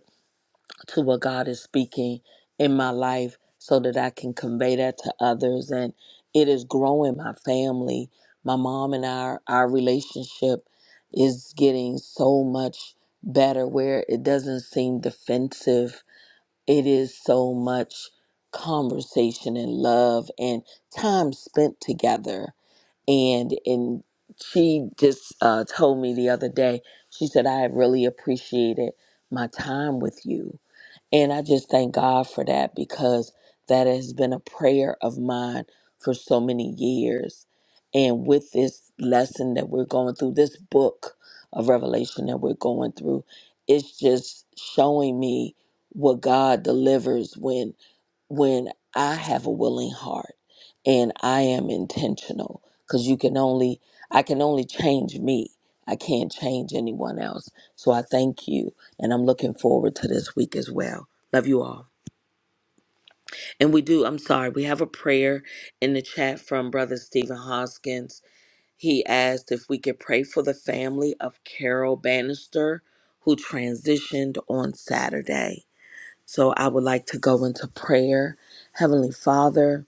S7: to what God is speaking in my life so that I can convey that to others. And it is growing my family. My mom and I, our relationship is getting so much better where it doesn't seem defensive. It is so much conversation and love and time spent together. And and she just uh, told me the other day, she said, I have really appreciated my time with you and I just thank God for that because that has been a prayer of mine for so many years. And with this lesson that we're going through, this book of Revelation that we're going through, it's just showing me what God delivers when when I have a willing heart and I am intentional because you can only I can only change me. I can't change anyone else. So I thank you and I'm looking forward to this week as well. Love you all. And we do, I'm sorry, we have a prayer in the chat from Brother Stephen Hoskins. He asked if we could pray for the family of Carol Bannister who transitioned on Saturday. So I would like to go into prayer. Heavenly Father,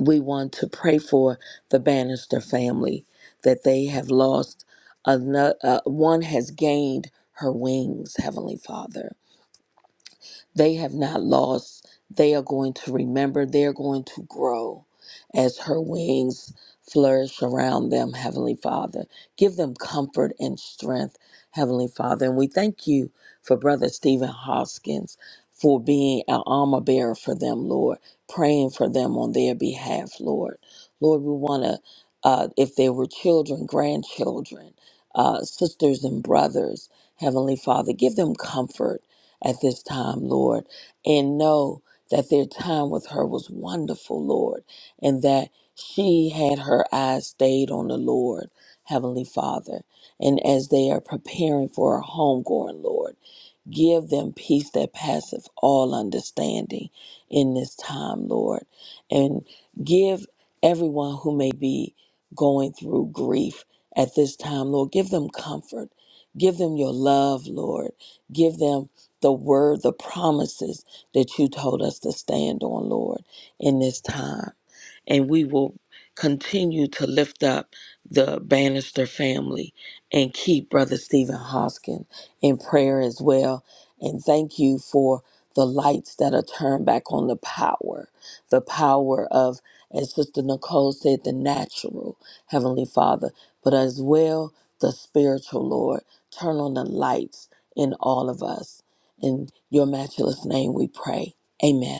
S7: we want to pray for the Bannister family that they have lost another, uh, one has gained her wings, Heavenly Father they have not lost. They are going to remember. They are going to grow as her wings flourish around them, Heavenly Father. Give them comfort and strength, Heavenly Father. And we thank you for Brother Stephen Hoskins for being an armor bearer for them, Lord, praying for them on their behalf, Lord. Lord, we want to, uh, if there were children, grandchildren, uh, sisters and brothers, Heavenly Father, give them comfort at this time, Lord, and know that their time with her was wonderful, Lord, and that she had her eyes stayed on the Lord, Heavenly Father. And as they are preparing for a homegoing, Lord, Give them peace that passeth all understanding in this time, Lord. And give everyone who may be going through grief at this time, Lord, give them comfort. Give them your love, Lord. Give them the word, the promises that you told us to stand on, Lord, in this time and we will continue to lift up the Bannister family and keep Brother Stephen Hoskin in prayer as well. And thank you for the lights that are turned back on the power, the power of, as Sister Nicole said, the natural, Heavenly Father, but as well the spiritual, Lord. Turn on the lights in all of us. In your matchless name we pray. Amen.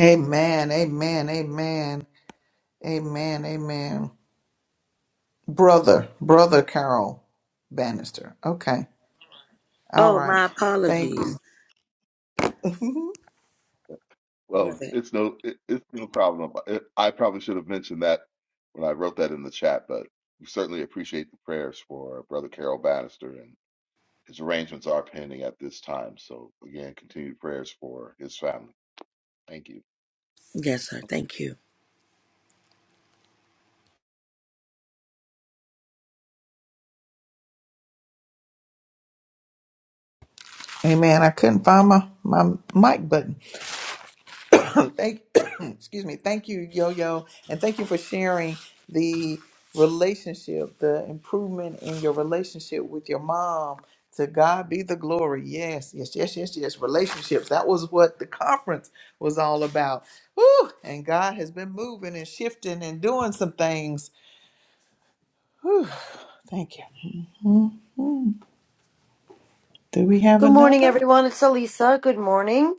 S1: Amen, amen, amen, amen, amen. Brother, brother Carol Bannister. Okay. All
S7: Oh,
S1: right.
S7: my
S1: Thank you.
S7: apologies,
S5: Well,
S7: brother.
S5: it's no, it, it's no problem. It, I probably should have mentioned that when I wrote that in the chat, but we certainly appreciate the prayers for Brother Carol Bannister, and his arrangements are pending at this time. So again, continued prayers for his family. Thank you.
S7: Yes, sir. Thank you.
S1: amen. I couldn't find my, my mic button. thank excuse me thank you yo yo and thank you for sharing the relationship the improvement in your relationship with your mom to god be the glory yes yes yes yes yes relationships that was what the conference was all about Whew. and god has been moving and shifting and doing some things Whew. thank you do we have
S8: Good morning,
S1: another
S8: everyone. It's Elisa. Good morning.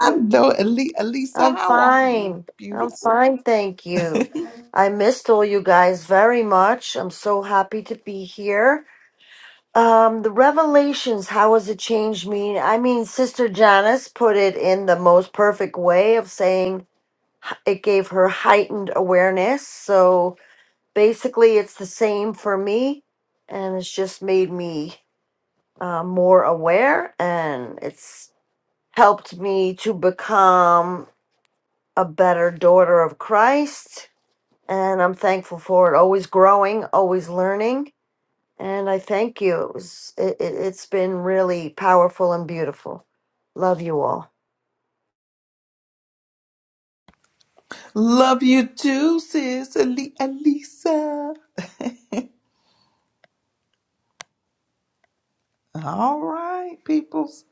S1: i know Ali- elisa
S8: I'm
S1: how are you
S8: fine. I'm
S1: beautiful
S8: fine. Thank you. I missed all you guys very much. I'm so happy to be here. Um, the revelations, how has it changed me? I mean, Sister Janice put it in the most perfect way of saying it gave her heightened awareness. So basically, it's the same for me. And it's just made me uh, more aware. And it's helped me to become a better daughter of Christ. And I'm thankful for it. Always growing, always learning. And I thank you. It was it, it, it's been really powerful and beautiful. Love you all.
S1: love you too sis Ali- elisa All right, peoples.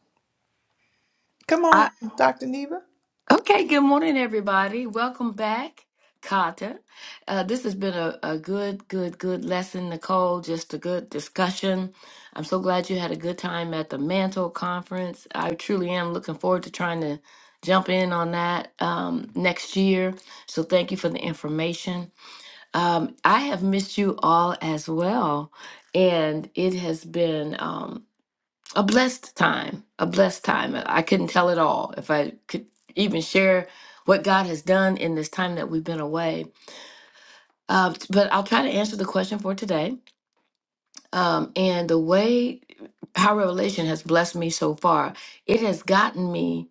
S1: Come on,
S9: I,
S1: Dr. Neva.
S9: okay, good morning, everybody. Welcome back, Kata. Uh, this has been a, a good, good, good lesson, Nicole. Just a good discussion. I'm so glad you had a good time at the Mantle Conference. I truly am looking forward to trying to jump in on that um, next year. So thank you for the information. Um, I have missed you all as well, and it has been. um, a blessed time, a blessed time. I couldn't tell it all. If I could even share what God has done in this time that we've been away, uh, but I'll try to answer the question for today. Um, and the way how revelation has blessed me so far, it has gotten me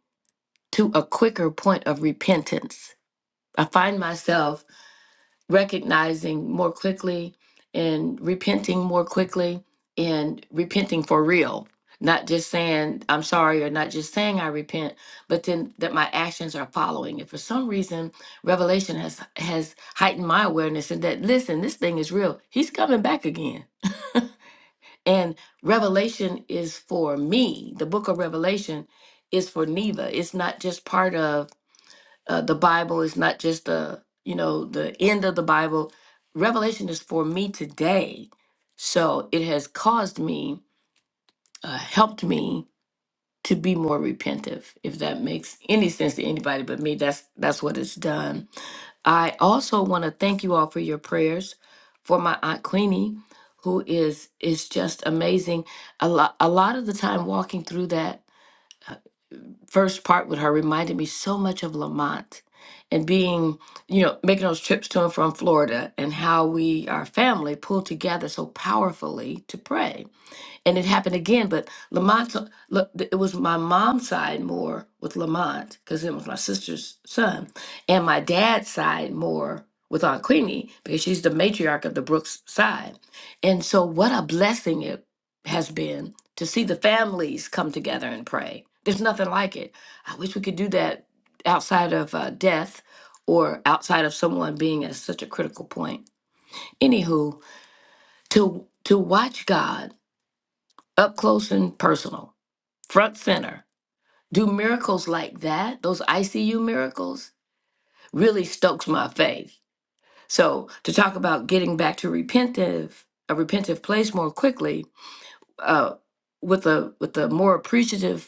S9: to a quicker point of repentance. I find myself recognizing more quickly and repenting more quickly and repenting for real not just saying i'm sorry or not just saying i repent but then that my actions are following and for some reason revelation has has heightened my awareness and that listen this thing is real he's coming back again and revelation is for me the book of revelation is for neva it's not just part of uh, the Bible is not just the you know the end of the Bible. Revelation is for me today, so it has caused me, uh, helped me to be more repentive. If that makes any sense to anybody but me, that's that's what it's done. I also want to thank you all for your prayers for my aunt Queenie, who is is just amazing. A lot a lot of the time walking through that first part with her reminded me so much of Lamont and being, you know, making those trips to and from Florida and how we, our family, pulled together so powerfully to pray and it happened again. But Lamont, look, it was my mom's side more with Lamont because it was my sister's son, and my dad's side more with Aunt Queenie because she's the matriarch of the Brooks side. And so, what a blessing it has been to see the families come together and pray. There's nothing like it. I wish we could do that outside of uh, death or outside of someone being at such a critical point. Anywho, to to watch God up close and personal front center. Do miracles like that, those ICU miracles, really stokes my faith. So to talk about getting back to repentive, a repentive place more quickly, uh, with a with a more appreciative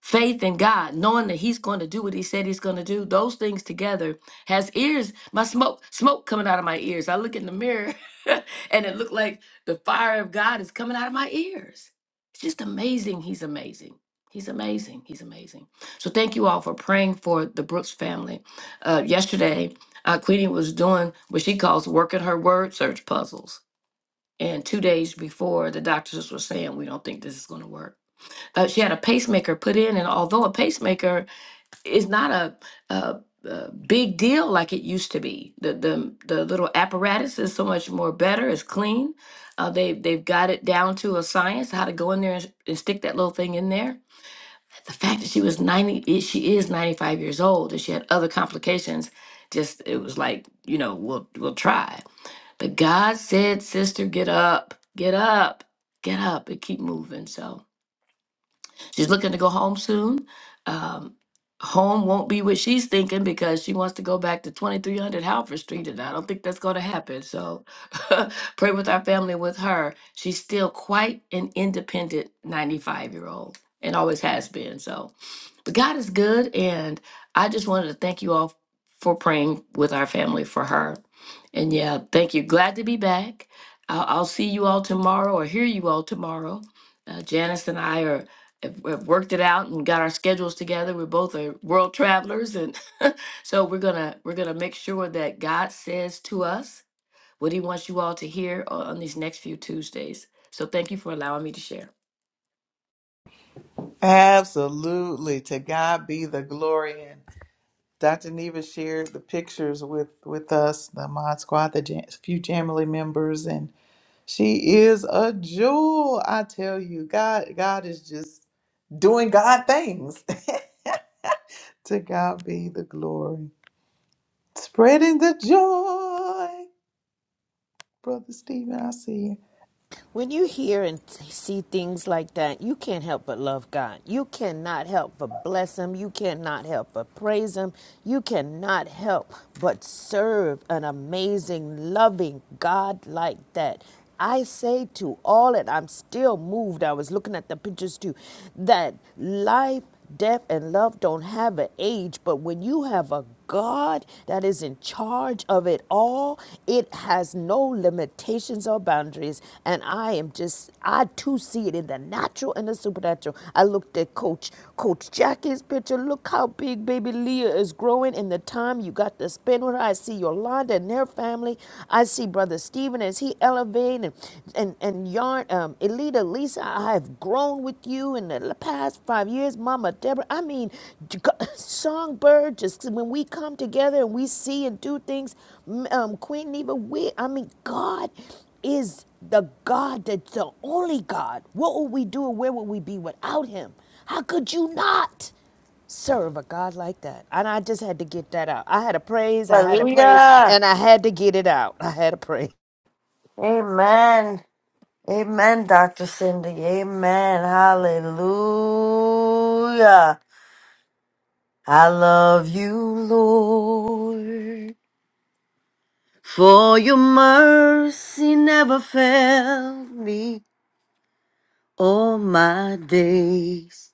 S9: faith in God, knowing that He's going to do what He said He's going to do, those things together has ears. My smoke, smoke coming out of my ears. I look in the mirror, and it looked like the fire of God is coming out of my ears. It's just amazing. He's amazing. He's amazing. He's amazing. So thank you all for praying for the Brooks family. Uh, yesterday, uh, Queenie was doing what she calls working her word search puzzles. And two days before, the doctors were saying, "We don't think this is going to work." uh, she had a pacemaker put in, and although a pacemaker is not a, a, a big deal like it used to be, the the the little apparatus is so much more better. It's clean. Uh, they they've got it down to a science how to go in there and, and stick that little thing in there. The fact that she was ninety, i- she is ninety five years old, and she had other complications. Just it was like you know we'll we'll try. But God said, sister, get up, get up, get up, and keep moving. So. She's looking to go home soon. Um, home won't be what she's thinking because she wants to go back to 2300 Halford Street, and I don't think that's going to happen. So pray with our family with her. She's still quite an independent 95 year old and always has been. So God is good, and I just wanted to thank you all for praying with our family for her. And yeah, thank you. Glad to be back. I'll, I'll see you all tomorrow or hear you all tomorrow. Uh, Janice and I are have, have worked it out and got our schedules together. We're both are world travelers, and so we're gonna we're gonna make sure that God says to us what He wants you all to hear on on these next few Tuesdays. So thank you for allowing me to share.
S1: Absolutely. To God be the glory. And Dr. Neva shared the pictures with, with us, the Mod Squad, the jam, few Jamily members, and she is a jewel. I tell you, God, God is just doing God things. to God be the glory. Spreading the joy. Brother Stephen, I see you.
S4: When you hear and see things like that, you can't help but love God. You cannot help but bless Him. You cannot help but praise Him. You cannot help but serve an amazing, loving God like that. I say to all, and I'm still moved. I was looking at the pictures too, that life Death and love don't have an age, but when you have a God that is in charge of it all, it has no limitations or boundaries. And I am just, I too see it in the natural and the supernatural. I looked at Coach Coach Jackie's picture. Look how big baby Leah is growing in the time you got to spend with her. I see Yolanda and their family. I see Brother Stephen, as he elevated and and, and yarn, um, Elita, Lisa, I have grown with you in the past five years, Mama Deborah. I mean, Songbird, just when we come together and we see and do things, um, Queen Neva, we, I mean, God is the God that's the only God. What would we do and where would we be without Him? How could you not? serve a God like that. And I just had to get that out. I had a praise, I had a praise,
S8: Hallelujah.
S4: and I had to get it out. I had a praise.
S8: Amen. Amen, Dr. Cindy. Amen. Hallelujah. I love you, Lord. For your mercy never failed me. All my days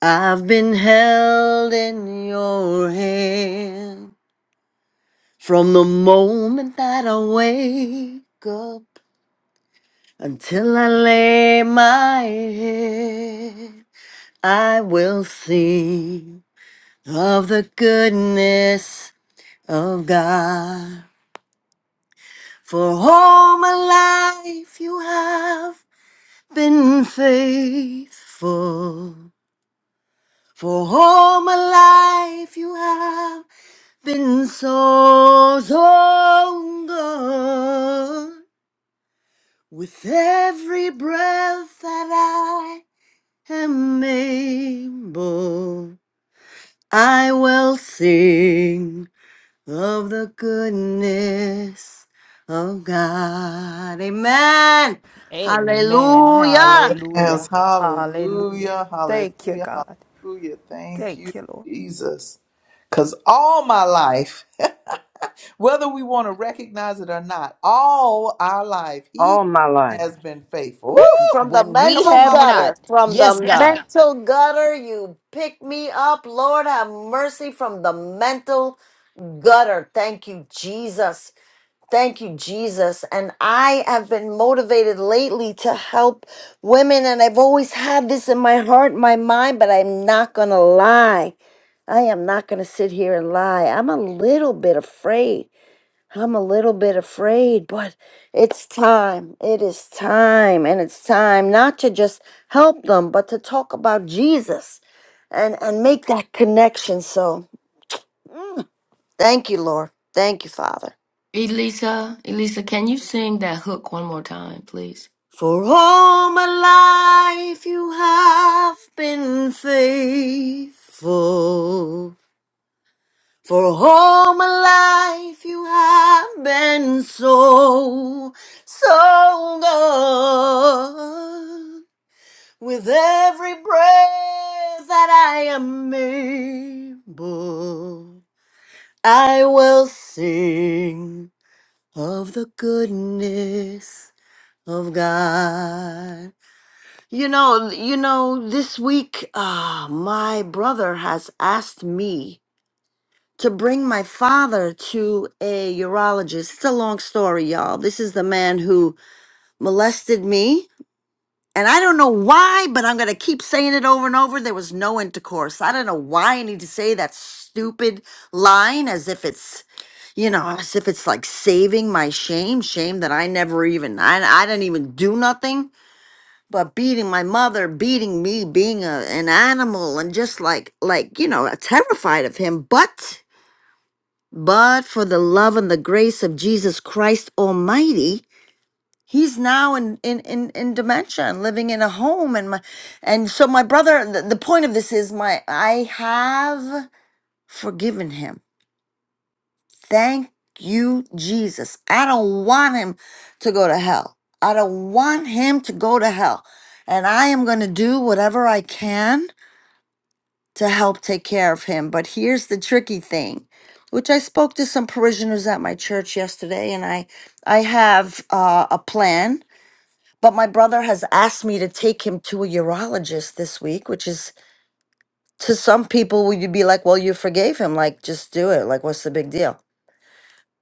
S8: I've been held in your hand from the moment that I wake up until I lay my head. I will sing of the goodness of God. For all my life you have been faithful. For all my life you have been so, so good. With every breath that I am able, I will sing of the goodness of God. Amen.
S4: Amen.
S8: Hallelujah.
S1: Yes,
S4: Hallelujah. Hallelujah.
S1: hallelujah,
S4: Thank you,
S1: hallelujah,
S4: God.
S1: hallelujah. Thank you,
S4: Thank you, Lord.
S1: Jesus. Because all my life, whether we want to recognize it or not, all our life, He
S10: all my life.
S1: has been faithful.
S8: Woo,
S1: Woo!
S8: from the
S4: When we
S1: Come on,
S8: mental
S4: have
S1: Mama Deb.
S4: not,
S8: gutter, from the
S4: yes,
S8: Yes,
S4: God.
S8: mental gutter, you pick me up. Lord, have mercy from the mental gutter. Thank you, Jesus. Thank you, Jesus. And I have been motivated lately to help women, and I've always had this in my heart, my mind, but I'm not going to lie. I am not going to sit here and lie. I'm a little bit afraid I'm a little bit afraid, but it's time. It is time. And it's time not to just help them, but to talk about Jesus and, and make that connection. So mm, thank you, Lord. Thank you, Father.
S9: Elisa, Elisa, can you sing that hook one more time, please?
S8: For all my life you have been faithful. For all my life you have been so, so good. With every breath that I am able, I will sing of the goodness of God. You know, you know, this week, uh, my brother has asked me to bring my father to a urologist. It's a long story, y'all. This is the man who molested me And I don't know why, but I'm going to keep saying it over and over. There was no intercourse. I don't know why I need to say that stupid line as if it's, you know, as if it's like saving my shame, shame that I never even, I, I didn't even do nothing but beating my mother, beating me, being a, an animal, and just like, like, you know, terrified of him. But, but for the love and the grace of Jesus Christ Almighty, he's now in in in, in dementia and living in a home and my and so my brother the, the point of this is my i have forgiven him thank you jesus i don't want him to go to hell i don't want him to go to hell and i am going to do whatever i can to help take care of him but here's the tricky thing which i spoke to some parishioners at my church yesterday and i i have uh, a plan But my brother has asked me to take him to a urologist this week, which is to some people, would you be like, well, you forgave him? Like, just do it. Like, what's the big deal?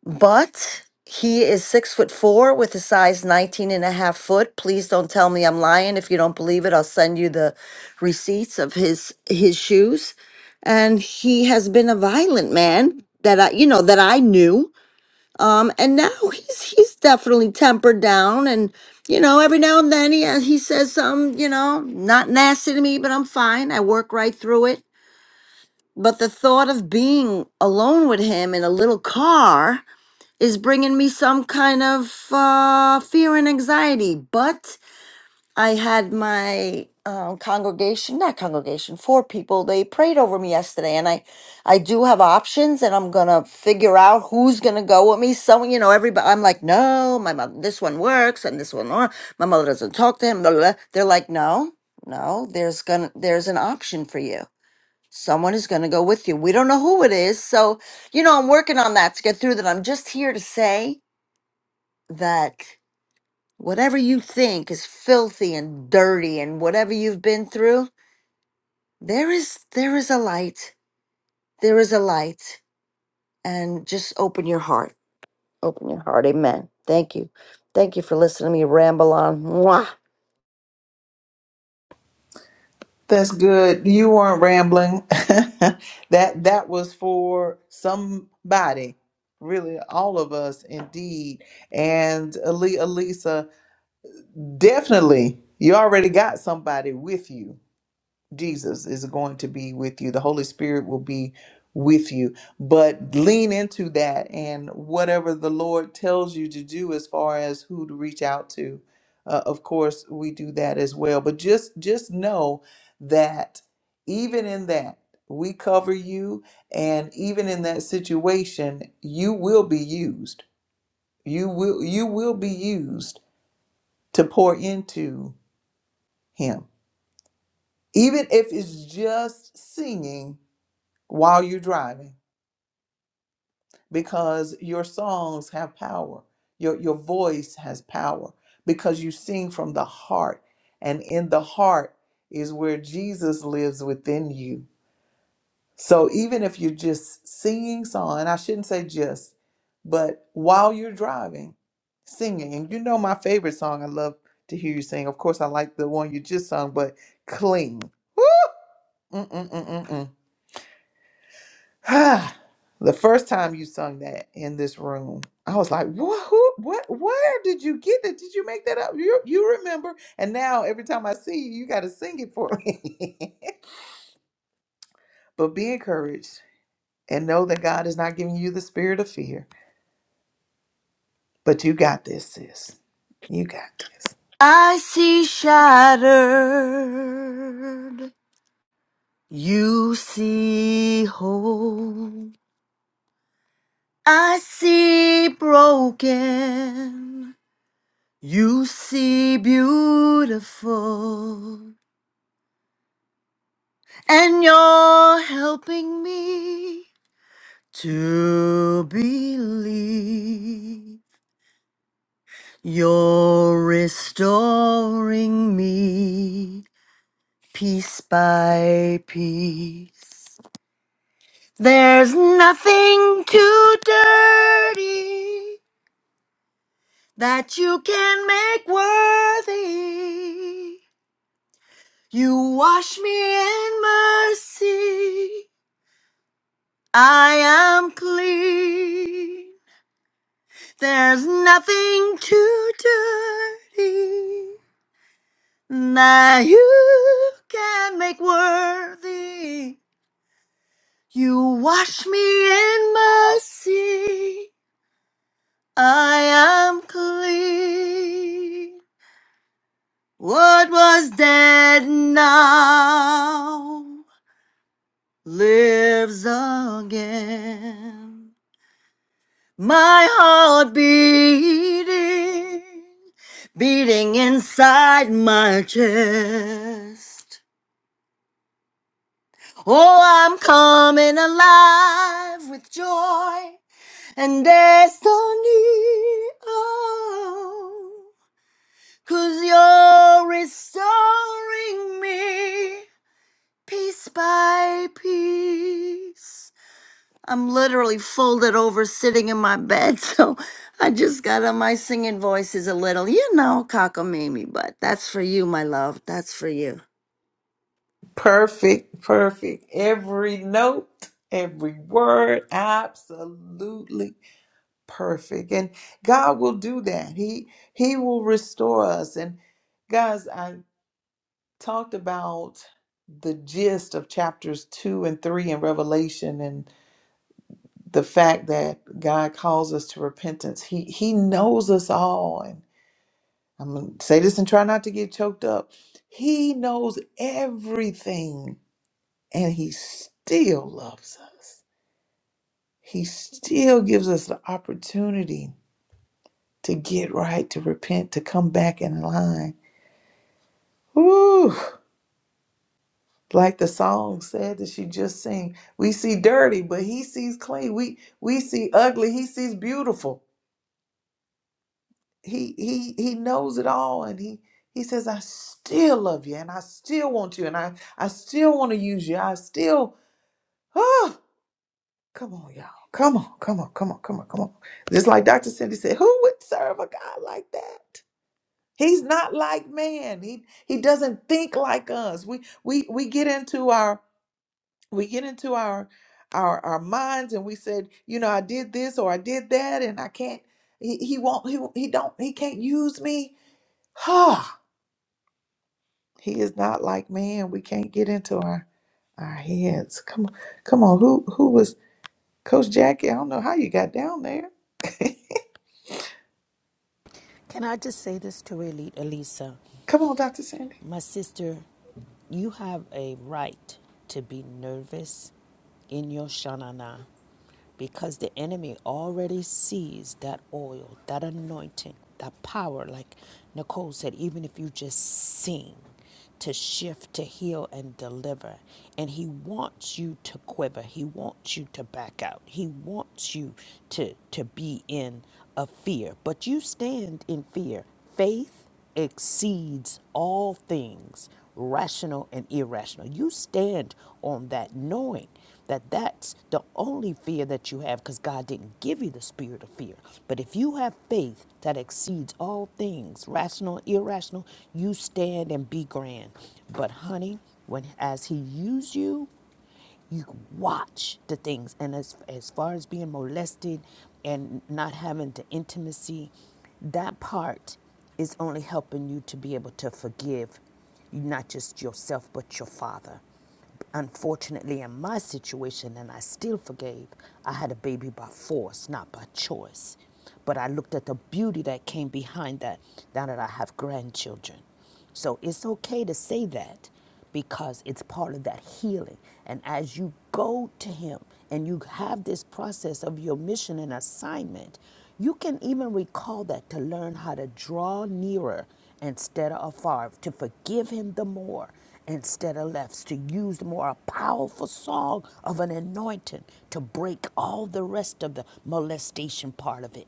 S8: But he is six foot four with a size 19 and a half foot. Please don't tell me I'm lying. If you don't believe it, I'll send you the receipts of his his shoes. And he has been a violent man that I, you know, that I knew um, and now he's he's definitely tempered down, and you know, every now and then he uh, he says some, you know, not nasty to me, but I'm fine. I work right through it. But the thought of being alone with him in a little car is bringing me some kind of uh, fear and anxiety. But I had my um, congregation, not congregation, four people. They prayed over me yesterday, and I, I do have options, and I'm gonna figure out who's gonna go with me. So you know, everybody. I'm like, no, my mother. This one works, and this one, wor- my mother doesn't talk to him. Blah, blah, blah." They're like, no, no. There's gonna, there's an option for you. Someone is gonna go with you. We don't know who it is, so you know, I'm working on that to get through that. I'm just here to say that whatever you think is filthy and dirty and whatever you've been through there is there is a light there is a light and just open your heart open your heart amen thank you thank you for listening to me ramble on Mwah.
S1: That's good. You weren't rambling. that that was for somebody, really, all of us, indeed. And Ali, Elisa, definitely, you already got somebody with you. Jesus is going to be with you. The Holy Spirit will be with you. But lean into that and whatever the Lord tells you to do as far as who to reach out to. Uh, of course, we do that as well. But just just know that even in that we cover you and even in that situation you will be used. You will you will be used to pour into him. Even if it's just singing while you're driving because your songs have power. Your, your voice has power because you sing from the heart. And in the heart is where Jesus lives within you. So even if you're just singing song, and I shouldn't say just, but while you're driving, singing, and you know my favorite song I love to hear you sing. Of course, I like the one you just sung, but cling. Woo! Mm-mm-mm-mm-mm. Ah, the first time you sung that in this room, I was like, "What? Who? What? Where did you get that? Did you make that up? You you remember?" And now every time I see you, you got to sing it for me. but be encouraged and know that God is not giving you the spirit of fear, but you got this, sis. You got this.
S8: i see shattered you see whole i see broken you see beautiful And you're helping me to believe. You're restoring me piece by piece. There's nothing too dirty that you can make worthy. You wash me in mercy. I am clean. There's nothing too dirty that you can make worthy. You wash me in mercy. I am clean. What was dead now lives again. My heart beating, beating inside my chest. Oh, I'm coming alive with joy and destiny. Oh, you you're restoring me piece by piece. I'm literally folded over sitting in my bed. So I just got on my singing voice is a little, you know, cockamamie, but that's for you, my love. That's for you.
S1: Perfect, perfect. Every note, every word, absolutely perfect and god will do that he he will restore us and guys i talked about the gist of chapters 2 and 3 in revelation and the fact that god calls us to repentance he he knows us all and i'm going to say this and try not to get choked up he knows everything and he still loves us he still gives us the opportunity to get right, to repent, to come back in line. Woo! Like the song said that she just sang, we see dirty, but he sees clean. We we see ugly, he sees beautiful. He he he knows it all, and he he says, "I still love you, and I still want you, and I I still want to use you. I still Oh, come on, y'all, come on, come on, come on, come on, come on." Just like Dr. Cindy said, "Who would serve a God like that?" He's not like man. He he doesn't think like us. We we we get into our we get into our our our minds and we said, you know, I did this or I did that and I can't he, he won't he he don't he can't use me. Ha. he is not like man. We can't get into our our heads. Come on. Come on. Who who was Coach Jackie? I don't know how you got down there.
S4: Can I just say this to Eli- Elisa?
S1: Come on, Dr. Cindy.
S4: My sister, you have a right to be nervous in your shanana because the enemy already sees that oil, that anointing, that power. Like Nicole said, even if you just sing. to shift, to heal, and deliver. And He wants you to quiver. He wants you to back out. He wants you to, to be in a fear. But you stand in fear. Faith exceeds all things, rational and irrational. You stand on that knowing that that's the only fear that you have because God didn't give you the spirit of fear. But if you have faith that exceeds all things, rational, irrational, you stand and be grand. But honey, when as he used you, you watch the things and as as far as being molested and not having the intimacy that part is only helping you to be able to forgive not just yourself but your father unfortunately in my situation and i still forgave i had a baby by force not by choice but i looked at the beauty that came behind that now that i have grandchildren so it's okay to say that because it's part of that healing. And as you go to Him and you have this process of your mission and assignment, you can even recall that to learn how to draw nearer instead of afar, to forgive Him the more instead of less, to use the more a powerful song of an anointing to break all the rest of the molestation part of it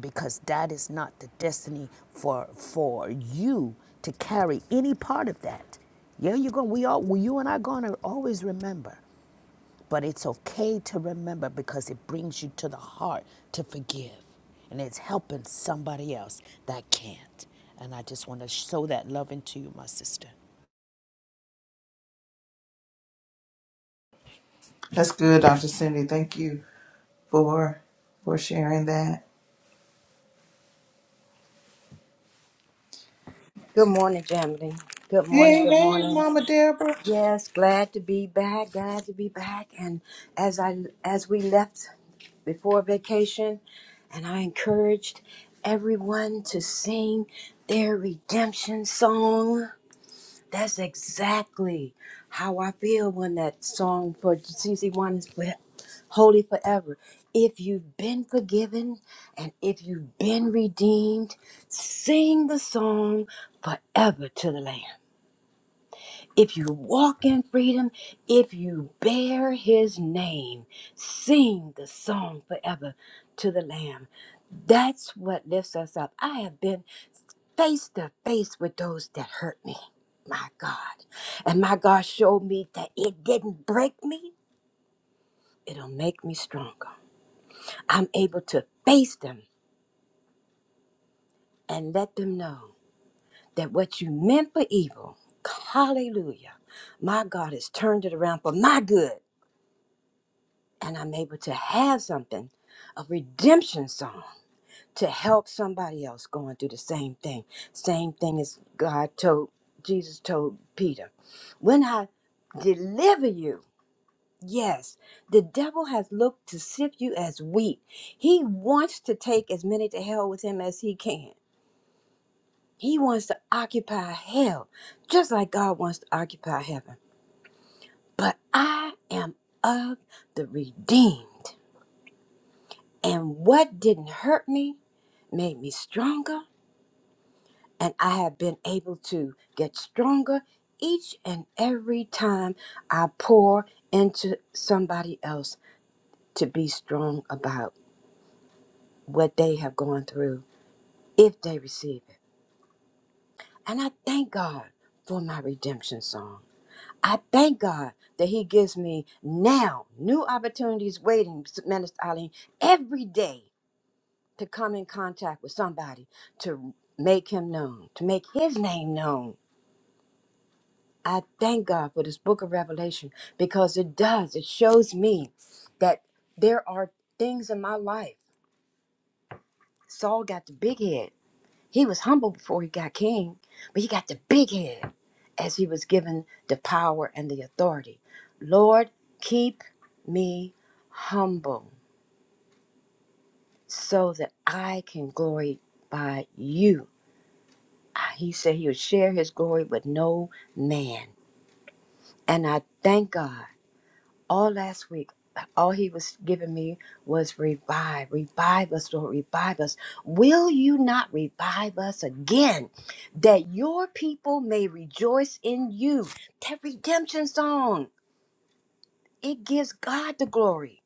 S4: because that is not the destiny for for you to carry any part of that. Yeah, you're going. We all, well, you and I, are going to always remember, but it's okay to remember because it brings you to the heart to forgive, and it's helping somebody else that can't. And I just want to show that love into you, my sister.
S1: That's good, Dr. Cindy. Thank you for for sharing that.
S10: Good morning, Jamily. Good morning.
S1: Hey,
S10: Good
S1: hey,
S10: morning.
S1: Mama Deborah.
S10: Yes, glad to be back. Glad to be back. And as I as we left before vacation, and I encouraged everyone to sing their redemption song. That's exactly how I feel when that song for CC One is for holy forever. If you've been forgiven and if you've been redeemed, sing the song forever to the Lamb. If you walk in freedom, if you bear his name, sing the song forever to the Lamb. That's what lifts us up. I have been face to face with those that hurt me, my God. And my God showed me that it didn't break me, it'll make me stronger. I'm able to face them and let them know that what you meant for evil, hallelujah, my God has turned it around for my good. And I'm able to have something, a redemption song to help somebody else going through the same thing. Same thing as God told Jesus told Peter. When I deliver you, yes, the devil has looked to sift you as wheat. He wants to take as many to hell with him as he can. He wants to occupy hell, just like God wants to occupy heaven. But I am of the redeemed. And what didn't hurt me made me stronger and I have been able to get stronger each and every time I pour into somebody else to be strong about what they have gone through if they receive it. And I thank God for my redemption song. I thank God that He gives me now new opportunities waiting, Minister Eileen, every day to come in contact with somebody to make Him known, to make His name known I thank God for this book of Revelation because it does. It shows me that there are things in my life. Saul got the big head. He was humble before he got king, but he got the big head as he was given the power and the authority. Lord, keep me humble so that I can glory by you. He said he would share his glory with no man. And I thank God. all last week all he was giving me was revive revive us lord revive us will you not revive us again that your people may rejoice in you that redemption song it gives god the glory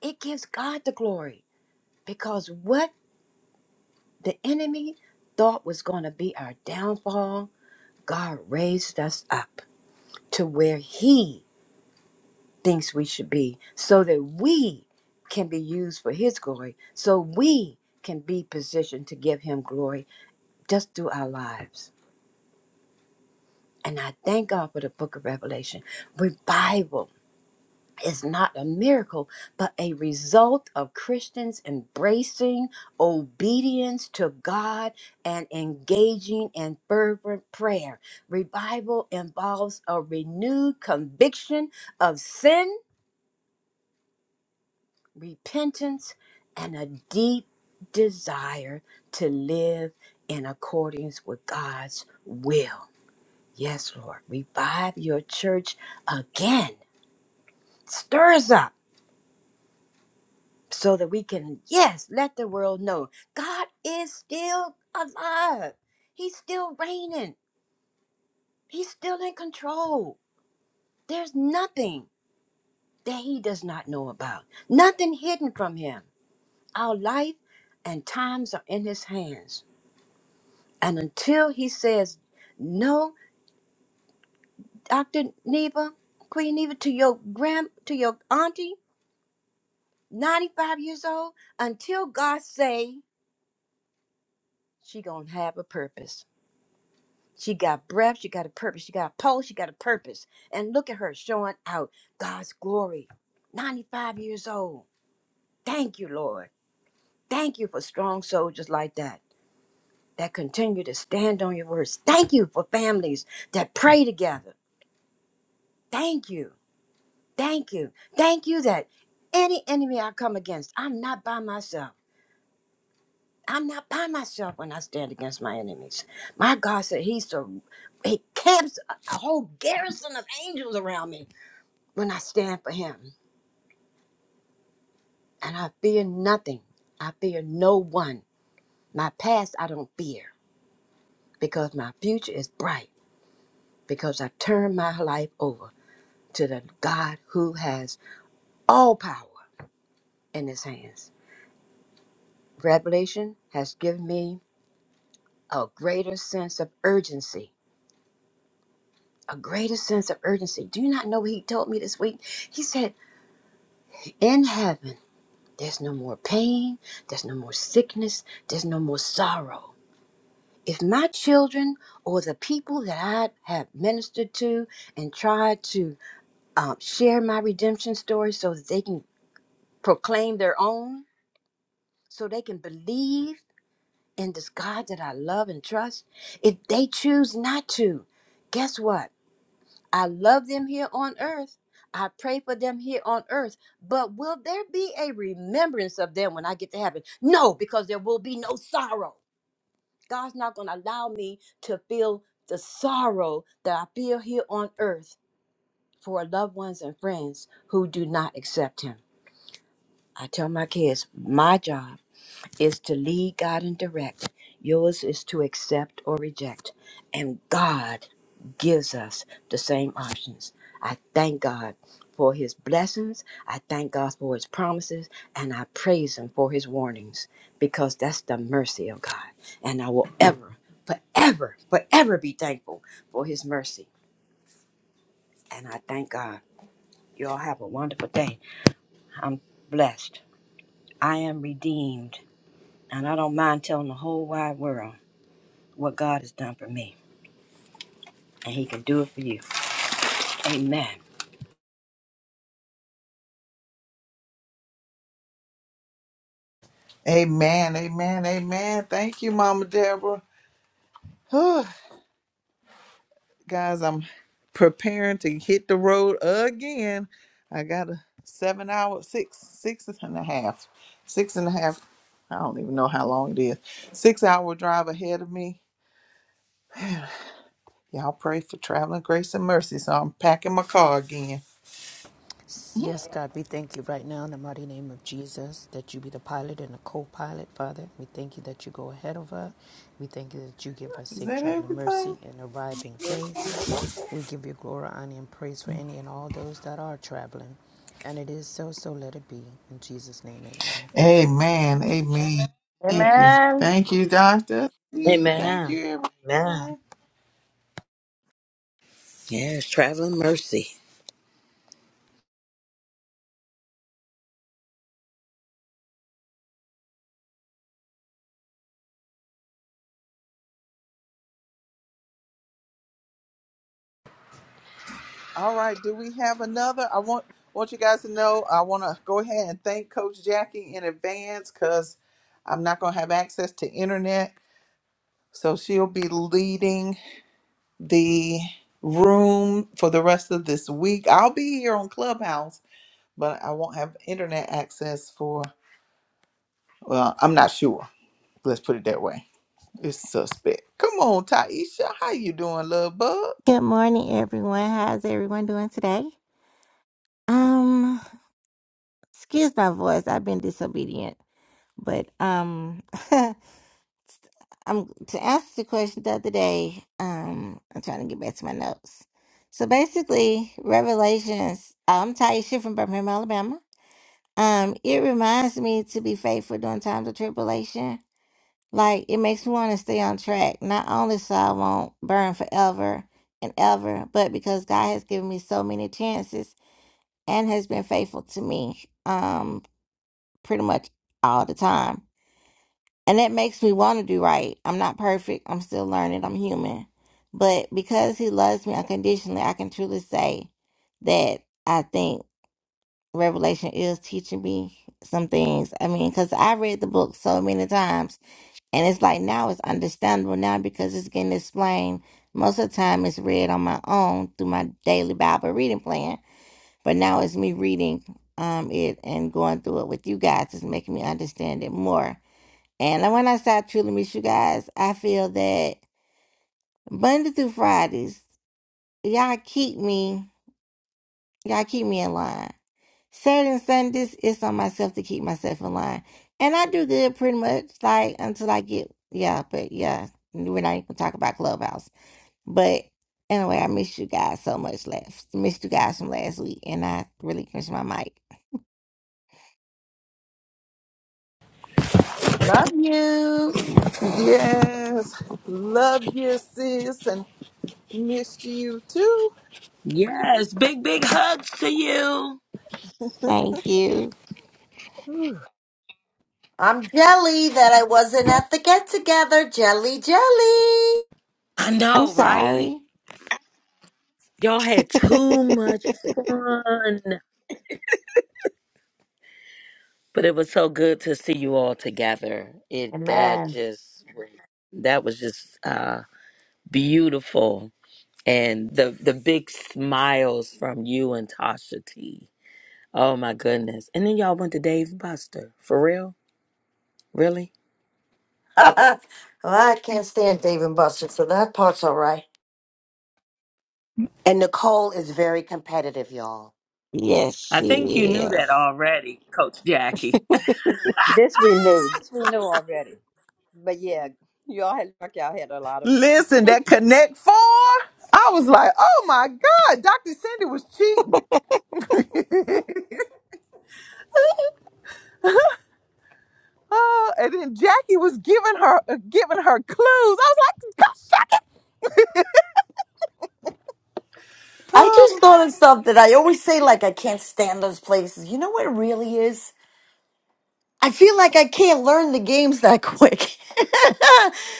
S10: it gives god the glory because what the enemy thought was going to be our downfall god raised us up to where he thinks we should be so that we can be used for his glory, so we can be positioned to give him glory just through our lives. And I thank God for the book of Revelation. Revival is not a miracle, but a result of Christians embracing obedience to God and engaging in fervent prayer. Revival involves a renewed conviction of sin repentance and a deep desire to live in accordance with God's will. Yes, Lord, revive your church again. Stir us up so that we can, yes, let the world know God is still alive. He's still reigning. He's still in control. There's nothing that he does not know about, nothing hidden from him. Our life and times are in his hands. And until he says no, Dr. Neva, Queen Neva, to your grand to your auntie, 95 years old, until God say she gonna have a purpose. She got breath, she got a purpose, she got a pulse, she got a purpose. And look at her showing out God's glory. 95 years old. Thank you, Lord. Thank you for strong soldiers like that that continue to stand on your words. Thank you for families that pray together. Thank you. Thank you. Thank you that any enemy I come against, I'm not by myself. I'm not by myself when I stand against my enemies. My God said he so he camps a a whole garrison of angels around me when I stand for him. And I fear nothing. I fear no one. My past I don't fear because my future is bright because I turn my life over to the God who has all power in his hands. Revelation has given me a greater sense of urgency. A greater sense of urgency. Do you not know what he told me this week? He said, In heaven, there's no more pain, there's no more sickness, there's no more sorrow. If my children or the people that I have ministered to and tried to um, share my redemption story so that they can proclaim their own, so they can believe in this God that I love and trust, if they choose not to, guess what? I love them here on earth. I pray for them here on earth. But will there be a remembrance of them when I get to heaven? No, because there will be no sorrow. God's not going to allow me to feel the sorrow that I feel here on earth for loved ones and friends who do not accept Him. I tell my kids, my job is to lead, guide, and direct. Yours is to accept or reject. And God gives us the same options. I thank God for his blessings. I thank God for his promises. And I praise him for his warnings because that's the mercy of God. And I will ever, forever, forever be thankful for his mercy. And I thank God. You all have a wonderful day. I'm blessed. I am redeemed. And I don't mind telling the whole wide world. what God has done for me, and He can do it for you. Amen.
S1: Amen, amen, amen. Thank you, Mama Deborah. Whew. Guys, I'm preparing to hit the road again. I got a seven hour, six, six and a half, six and a half. I don't even know how long it is. Six hour drive ahead of me. Y'all pray for traveling grace and mercy. So I'm packing my car again.
S4: Yes, God, we thank you right now in the mighty name of Jesus that you be the pilot and the co pilot, Father. We thank you that you go ahead of us. We thank you that you give us
S1: Is
S4: safe
S1: that
S4: traveling
S1: everything?
S4: mercy and arriving grace. We give you glory, honor, and praise for any and all those that are traveling. And it is so, so let it be. In Jesus' name, amen.
S1: Amen, amen. Thank you.
S8: Amen.
S1: Thank you, Doctor. Thank
S7: Amen.
S1: you, everyone.
S7: Amen. Yes, traveling mercy.
S1: All right. Do we have another? I want want you guys to know. I want to go ahead and thank Coach Jackie in advance because I'm not going to have access to internet, so she'll be leading the room for the rest of this week. I'll be here on Clubhouse, but I won't have internet access for. Well, I'm not sure. Let's put it that way. It's suspect. Come on, Taisha. How you doing, love bug?
S11: Good morning, everyone. How's everyone doing today? Um, excuse my voice. I've been disobedient, but um, I'm to answer the question the other day. Um, I'm trying to get back to my notes. So basically, Revelations. oh, I'm Taisha from Birmingham, Alabama. Um, it reminds me to be faithful during times of tribulation. Like it makes me want to stay on track, not only so I won't burn forever and ever, but because God has given me so many chances and has been faithful to me um pretty much all the time. And that makes me want to do right. I'm not perfect. I'm still learning. I'm human. But because he loves me unconditionally, I can truly say that I think Revelation is teaching me some things. I mean, because I read the book so many times, and it's like now it's understandable now because it's getting explained. Most of the time, it's read on my own through my daily Bible reading plan but now it's me reading um it and going through it with you guys. It's making me understand it more. And when I start truly miss you guys, I feel that Monday through Fridays, y'all keep me, y'all keep me in line. Saturday and Sundays, it's on myself to keep myself in line. And I do good pretty much like until I get yeah, but yeah, we're not even gonna talk about Clubhouse. But anyway, I miss you guys so much last missed you guys from last week and I really miss my mic.
S8: Love you.
S1: Yes. Love you, sis. and. Missed you too.
S7: Yes. Big, big hugs to you.
S11: Thank you.
S8: I'm jelly that I wasn't at the get together. Jelly, jelly.
S7: I
S11: I'm
S7: know, right?
S11: sorry.
S7: Y'all had too much fun. But it was so good to see you all together. It that
S8: Amen.
S7: just that was just uh beautiful. And the the big smiles from you and Tasha T. Oh my goodness. And then y'all went to Dave Buster. For real? Really?
S8: well, I can't stand Dave and Buster, so that part's all right.
S6: And Nicole is very competitive, y'all.
S11: yes,
S7: I think you
S11: she
S7: knew that
S11: is.
S7: already, Coach Jackie.
S10: This we knew. This we knew already. But yeah, y'all had like y'all had a lot of fun.
S1: Listen, that Connect Four. I was like, oh my God, Dr. Cindy was cheating. oh, and then Jackie was giving her uh, giving her clues. I was like, go suck it.
S8: I just
S1: Oh.
S8: thought of something. I always say, like, I can't stand those places. You know what it really is? I feel like I can't learn the games that quick.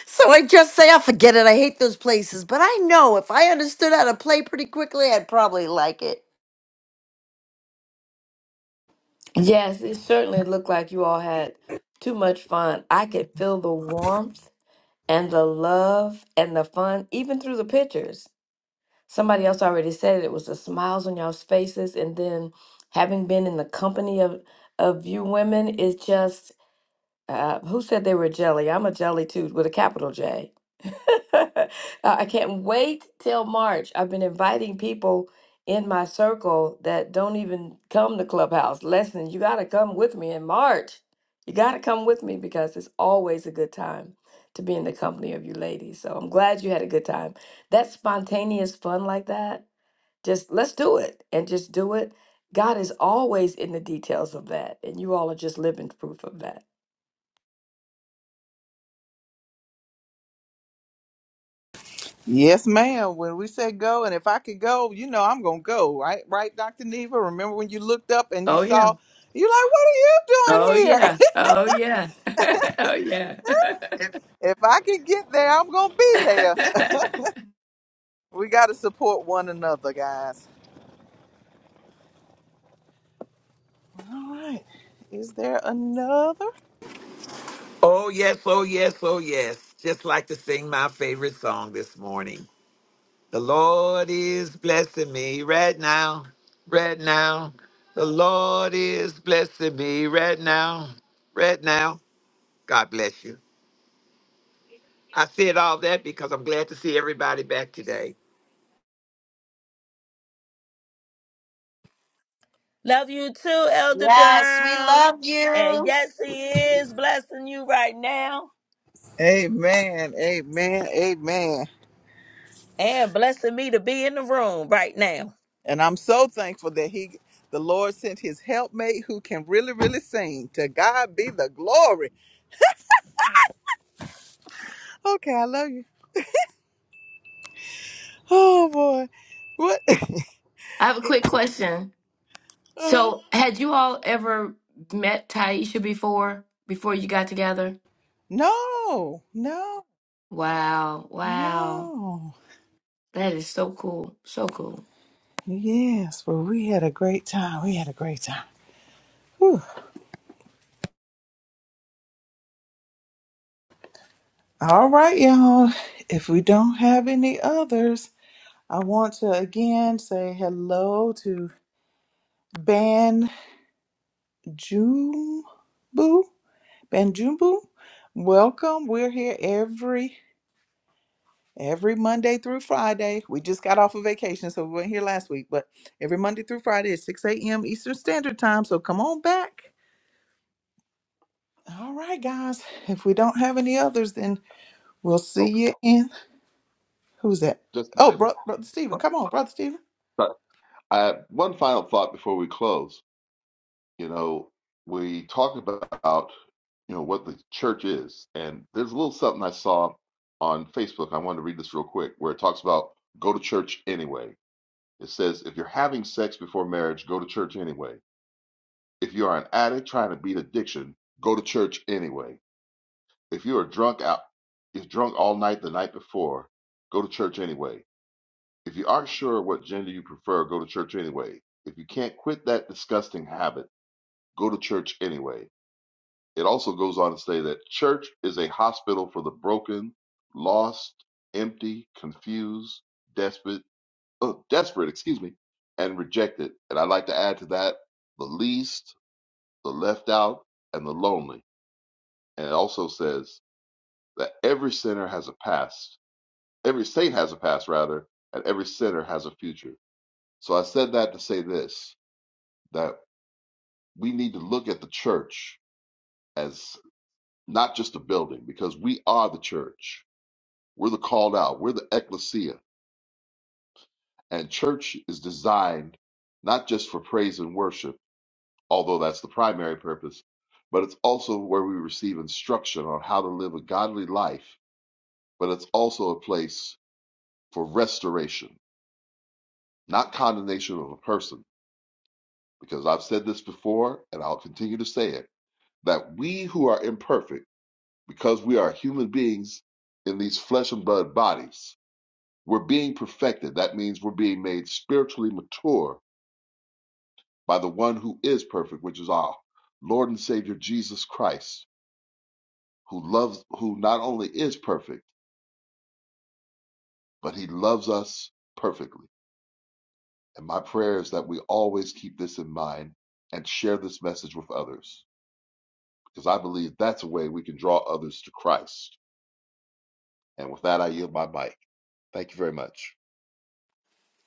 S8: so I just say, I forget it. I hate those places. But I know if I understood how to play pretty quickly, I'd probably like it.
S9: Yes, it certainly looked like you all had too much fun. I could feel the warmth and the love and the fun, even through the pictures. Somebody else already said it. It was the smiles on y'all's faces, and then having been in the company of of you women is just Uh, who said they were jelly? I'm a jelly too, with a capital J. I I can't wait till March. I've been inviting people in my circle that don't even come to Clubhouse. Listen, you got to come with me in March. You got to come with me because it's always a good time to be in the company of you ladies. So I'm glad you had a good time. That spontaneous fun like that, just let's do it and just do it. God is always in the details of that. And you all are just living proof of that.
S1: Yes, ma'am. When we said go, and if I could go, you know I'm gonna go, right? Right, Dr. Neva. Remember when you looked up and you
S9: Oh yeah.
S1: saw you're like, what are you doing
S9: Oh
S1: here?
S9: yeah. Oh yeah. oh yeah.
S1: if I can get there, I'm gonna be
S9: I
S1: there. We gotta support one another, guys. All right. Is there another?
S2: Oh, yes, oh, yes, oh, yes. Just like to sing my favorite song this morning. The Lord is blessing me right now, right now. The Lord is blessing me right now, right now. God bless you. I said all that because I'm glad to see everybody back today.
S7: Love you too, Elder
S8: Yes, we
S7: Durham.
S8: love
S7: And
S8: you.
S7: yes, he is blessing you right now
S1: Amen. Amen. Amen.
S7: and blessing me to be in the room right now.
S1: And I'm so thankful that he the Lord sent his helpmate who can really, really sing. To God be the glory. Okay, I love you. Oh boy. What
S9: have a quick question.
S1: uh-huh.
S9: So, had you all ever met Taisha before before you got together?
S1: No, no,
S9: Wow. Wow.
S1: no.
S9: That is so cool. So cool.
S1: Yes, Well, we had a great time. We had a great time. Whew. All right, y'all. If we don't have any others, I want to again say hello to. Banjumbu. Banjumbu. Welcome. We're here every every Monday through Friday. We just got off of vacation, so we weren't here last week, but every Monday through Friday at 6 a.m. Eastern Standard Time. So come on back. All right, guys. If we don't have any others, then we'll see
S5: Oh,
S1: you in who's that?
S5: just
S1: Oh,
S5: one other
S1: bro, brother Stephen.
S5: thought.
S1: Come on, brother Stephen.
S5: Sorry. I have one final thought before we close. You know, we talked about you know what the church is, and there's a little something I saw on Facebook. I wanted to read this real quick, where it talks about go to church anyway It says, if you're having sex before marriage, go to church anyway. If you are an addict trying to beat addiction, go to church anyway. If you are drunk out, if drunk all night the night before, go to church anyway. If you aren't sure what gender you prefer, go to church anyway. If you can't quit that disgusting habit, go to church anyway. It also goes on to say that church is a hospital for the broken, lost, empty, confused, desperate, oh, desperate, excuse me, and rejected. And I'd like to add to that the least, the left out, and the lonely. And it also says that every sinner has a past, every saint has a past, rather, and every sinner has a future. So I said that to say this that we need to look at the church as not just a building, because we are the church. We're the called out, we're the ecclesia. And church is designed not just for praise and worship although that's the primary purpose, but it's also where we receive instruction on how to live a godly life, but it's also a place for restoration, not condemnation of a person. Because I've said this before, and I'll continue to say it, that we who are imperfect, because we are human beings in these flesh and blood bodies, we're being perfected. That means we're being made spiritually mature by the one who is perfect, which is our Lord and Savior Jesus Christ who loves who not only is perfect but he loves us perfectly and my prayer is that we always keep this in mind and share this message with others because i believe that's a way we can draw others to christ and with that i yield my mic thank you very much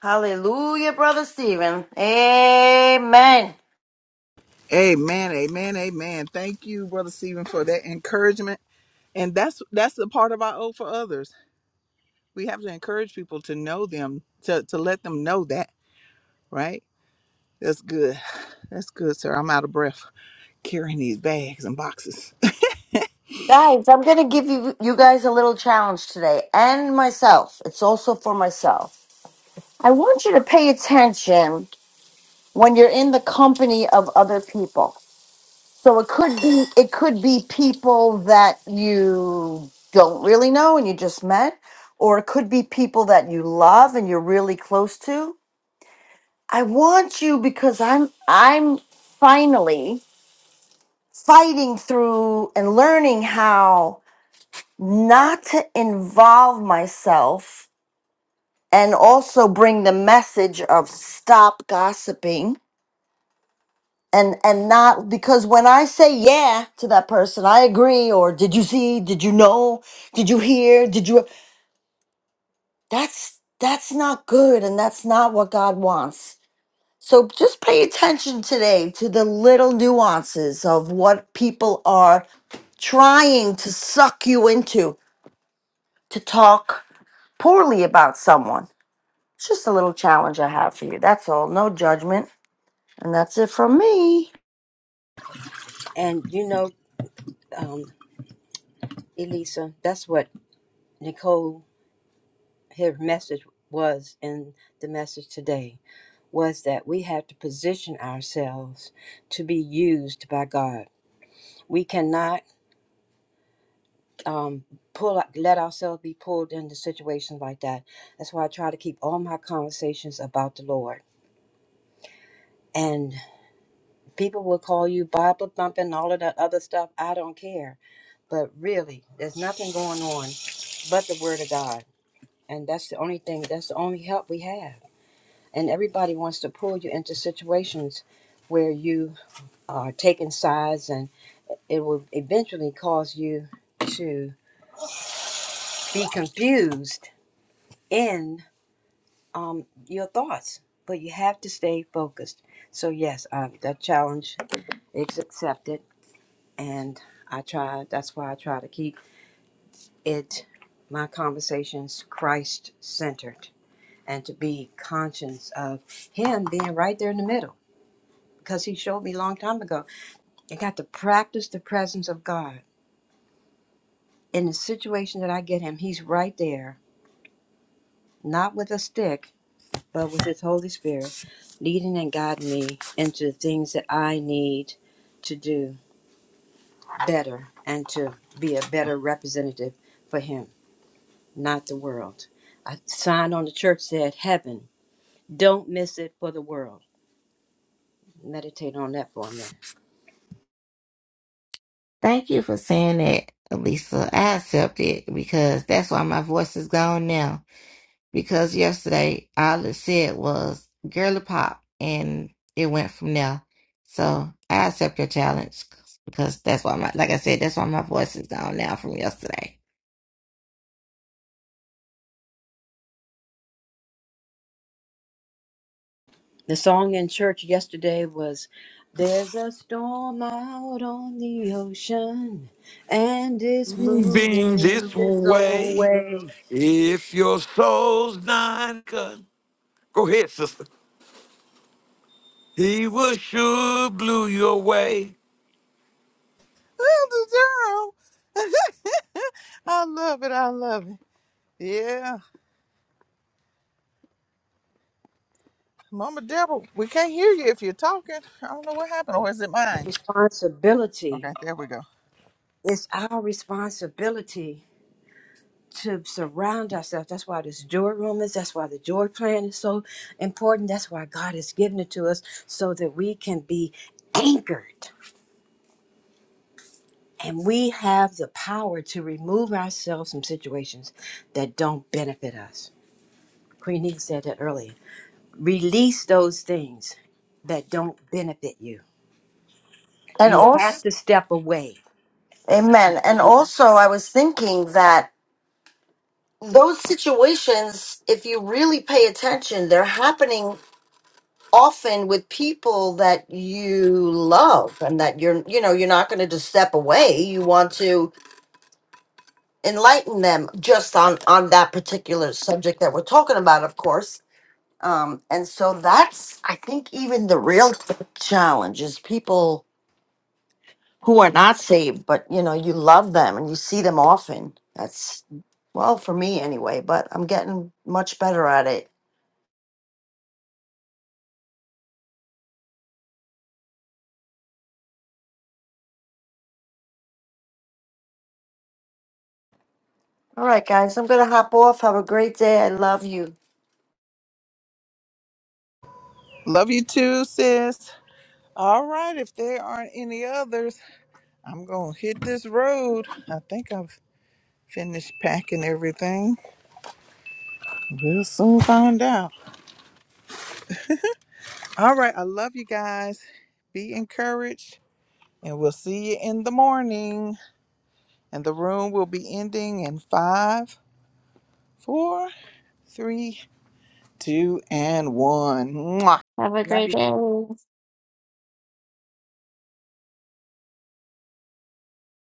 S8: Hallelujah, Brother Stephen. Amen.
S1: Amen, amen, amen. Thank you, Brother Stephen, for that encouragement. And that's that's the part of our oath for others. We have to encourage people to know them, to, to let them know that, right? That's good. That's good, sir. I'm out of breath carrying these bags and boxes. Little
S8: Guys, I'm going to give you, you guys a little challenge today and myself. It's also for myself. I want you to pay attention when you're in the company of other people. So it could be it could be people that you don't really know and you just met, or it could be people that you love and you're really close to. I want you because I'm I'm finally fighting through and learning how not to involve myself and also bring the message of stop gossiping and and not because when i say yeah to that person i agree or did you see did you know did you hear did you that's that's not good and that's not what god wants so just pay attention today to the little nuances of what people are trying to suck you into to talk poorly about someone it's just a little challenge i have for you that's all no judgment and that's it from me
S10: And you know, um, Elisa, that's what Nicole, her message was in the message today, was that we have to position ourselves to be used by God. We cannot um, pull let ourselves be pulled into situations like that. That's why I try to keep all my conversations about the Lord. and people will call you Bible thumping and all of that other stuff. I don't care. But really, there's nothing going on but the Word of God. And that's the only thing, that's the only help we have. And everybody wants to pull you into situations where you are taking sides, and it will eventually cause you to be confused in um, your thoughts. But you have to stay focused. So, yes, um, that challenge is accepted and I try that's why I try to keep it my conversations Christ centered and to be conscious of him being right there in the middle because he showed me a long time ago I got to practice the presence of God in the situation that I get him he's right there not with a stick but with his Holy Spirit leading and guiding me into the things that I need to do better and to be a better representative for him not the world. A sign on the church said, Heaven. Don't miss it for the world. Meditate on that for a minute.
S11: Thank you for saying that, Elisa. I accept it because that's why my voice is gone now. Because yesterday all it said was girly pop and it went from there. So I accept your challenge because that's why my like I said, that's why my voice is gone now from yesterday.
S10: The song in church yesterday was, There's a storm out on the ocean, and it's
S2: Moving this
S10: moving.
S2: way, if your soul's not cut, go ahead, sister. He will sure blew you away.
S1: Durham. I love it. I love it. Yeah. Mama Deborah, we can't hear you if you're talking. I don't know what happened, or is it mine?
S10: Responsibility.
S1: Okay, there we go.
S10: It's our responsibility to surround ourselves. That's why this joy room is. That's why the joy plan is so important. That's why God has given it to us so that we can be anchored And we have the power to remove ourselves from situations that don't benefit us. Queen Eva said that earlier. Release those things that don't benefit you.
S8: and
S10: You
S8: also
S10: have to step away.
S8: Amen. And also, I was thinking that those situations, if you really pay attention, they're happening often with people that you love and that you're, you know, you're not going to just step away. You want to enlighten them just on on that particular subject that we're talking about, of course. Um, and so that's, I think, even the real challenge is people who are not saved, but you know, you love them and you see them often. That's well for me anyway, but I'm getting much better at it. All right, guys, I'm gonna hop off. Have a great day. I love you.
S1: Love you too, sis. All right, if there aren't any others, I'm going to hit this road. I think I've finished packing everything. We'll soon find out. All right, I love you guys. Be encouraged, and we'll see you in the morning. And the room will be ending in five, four, three, two, and one. Mwah.
S11: Have a great day.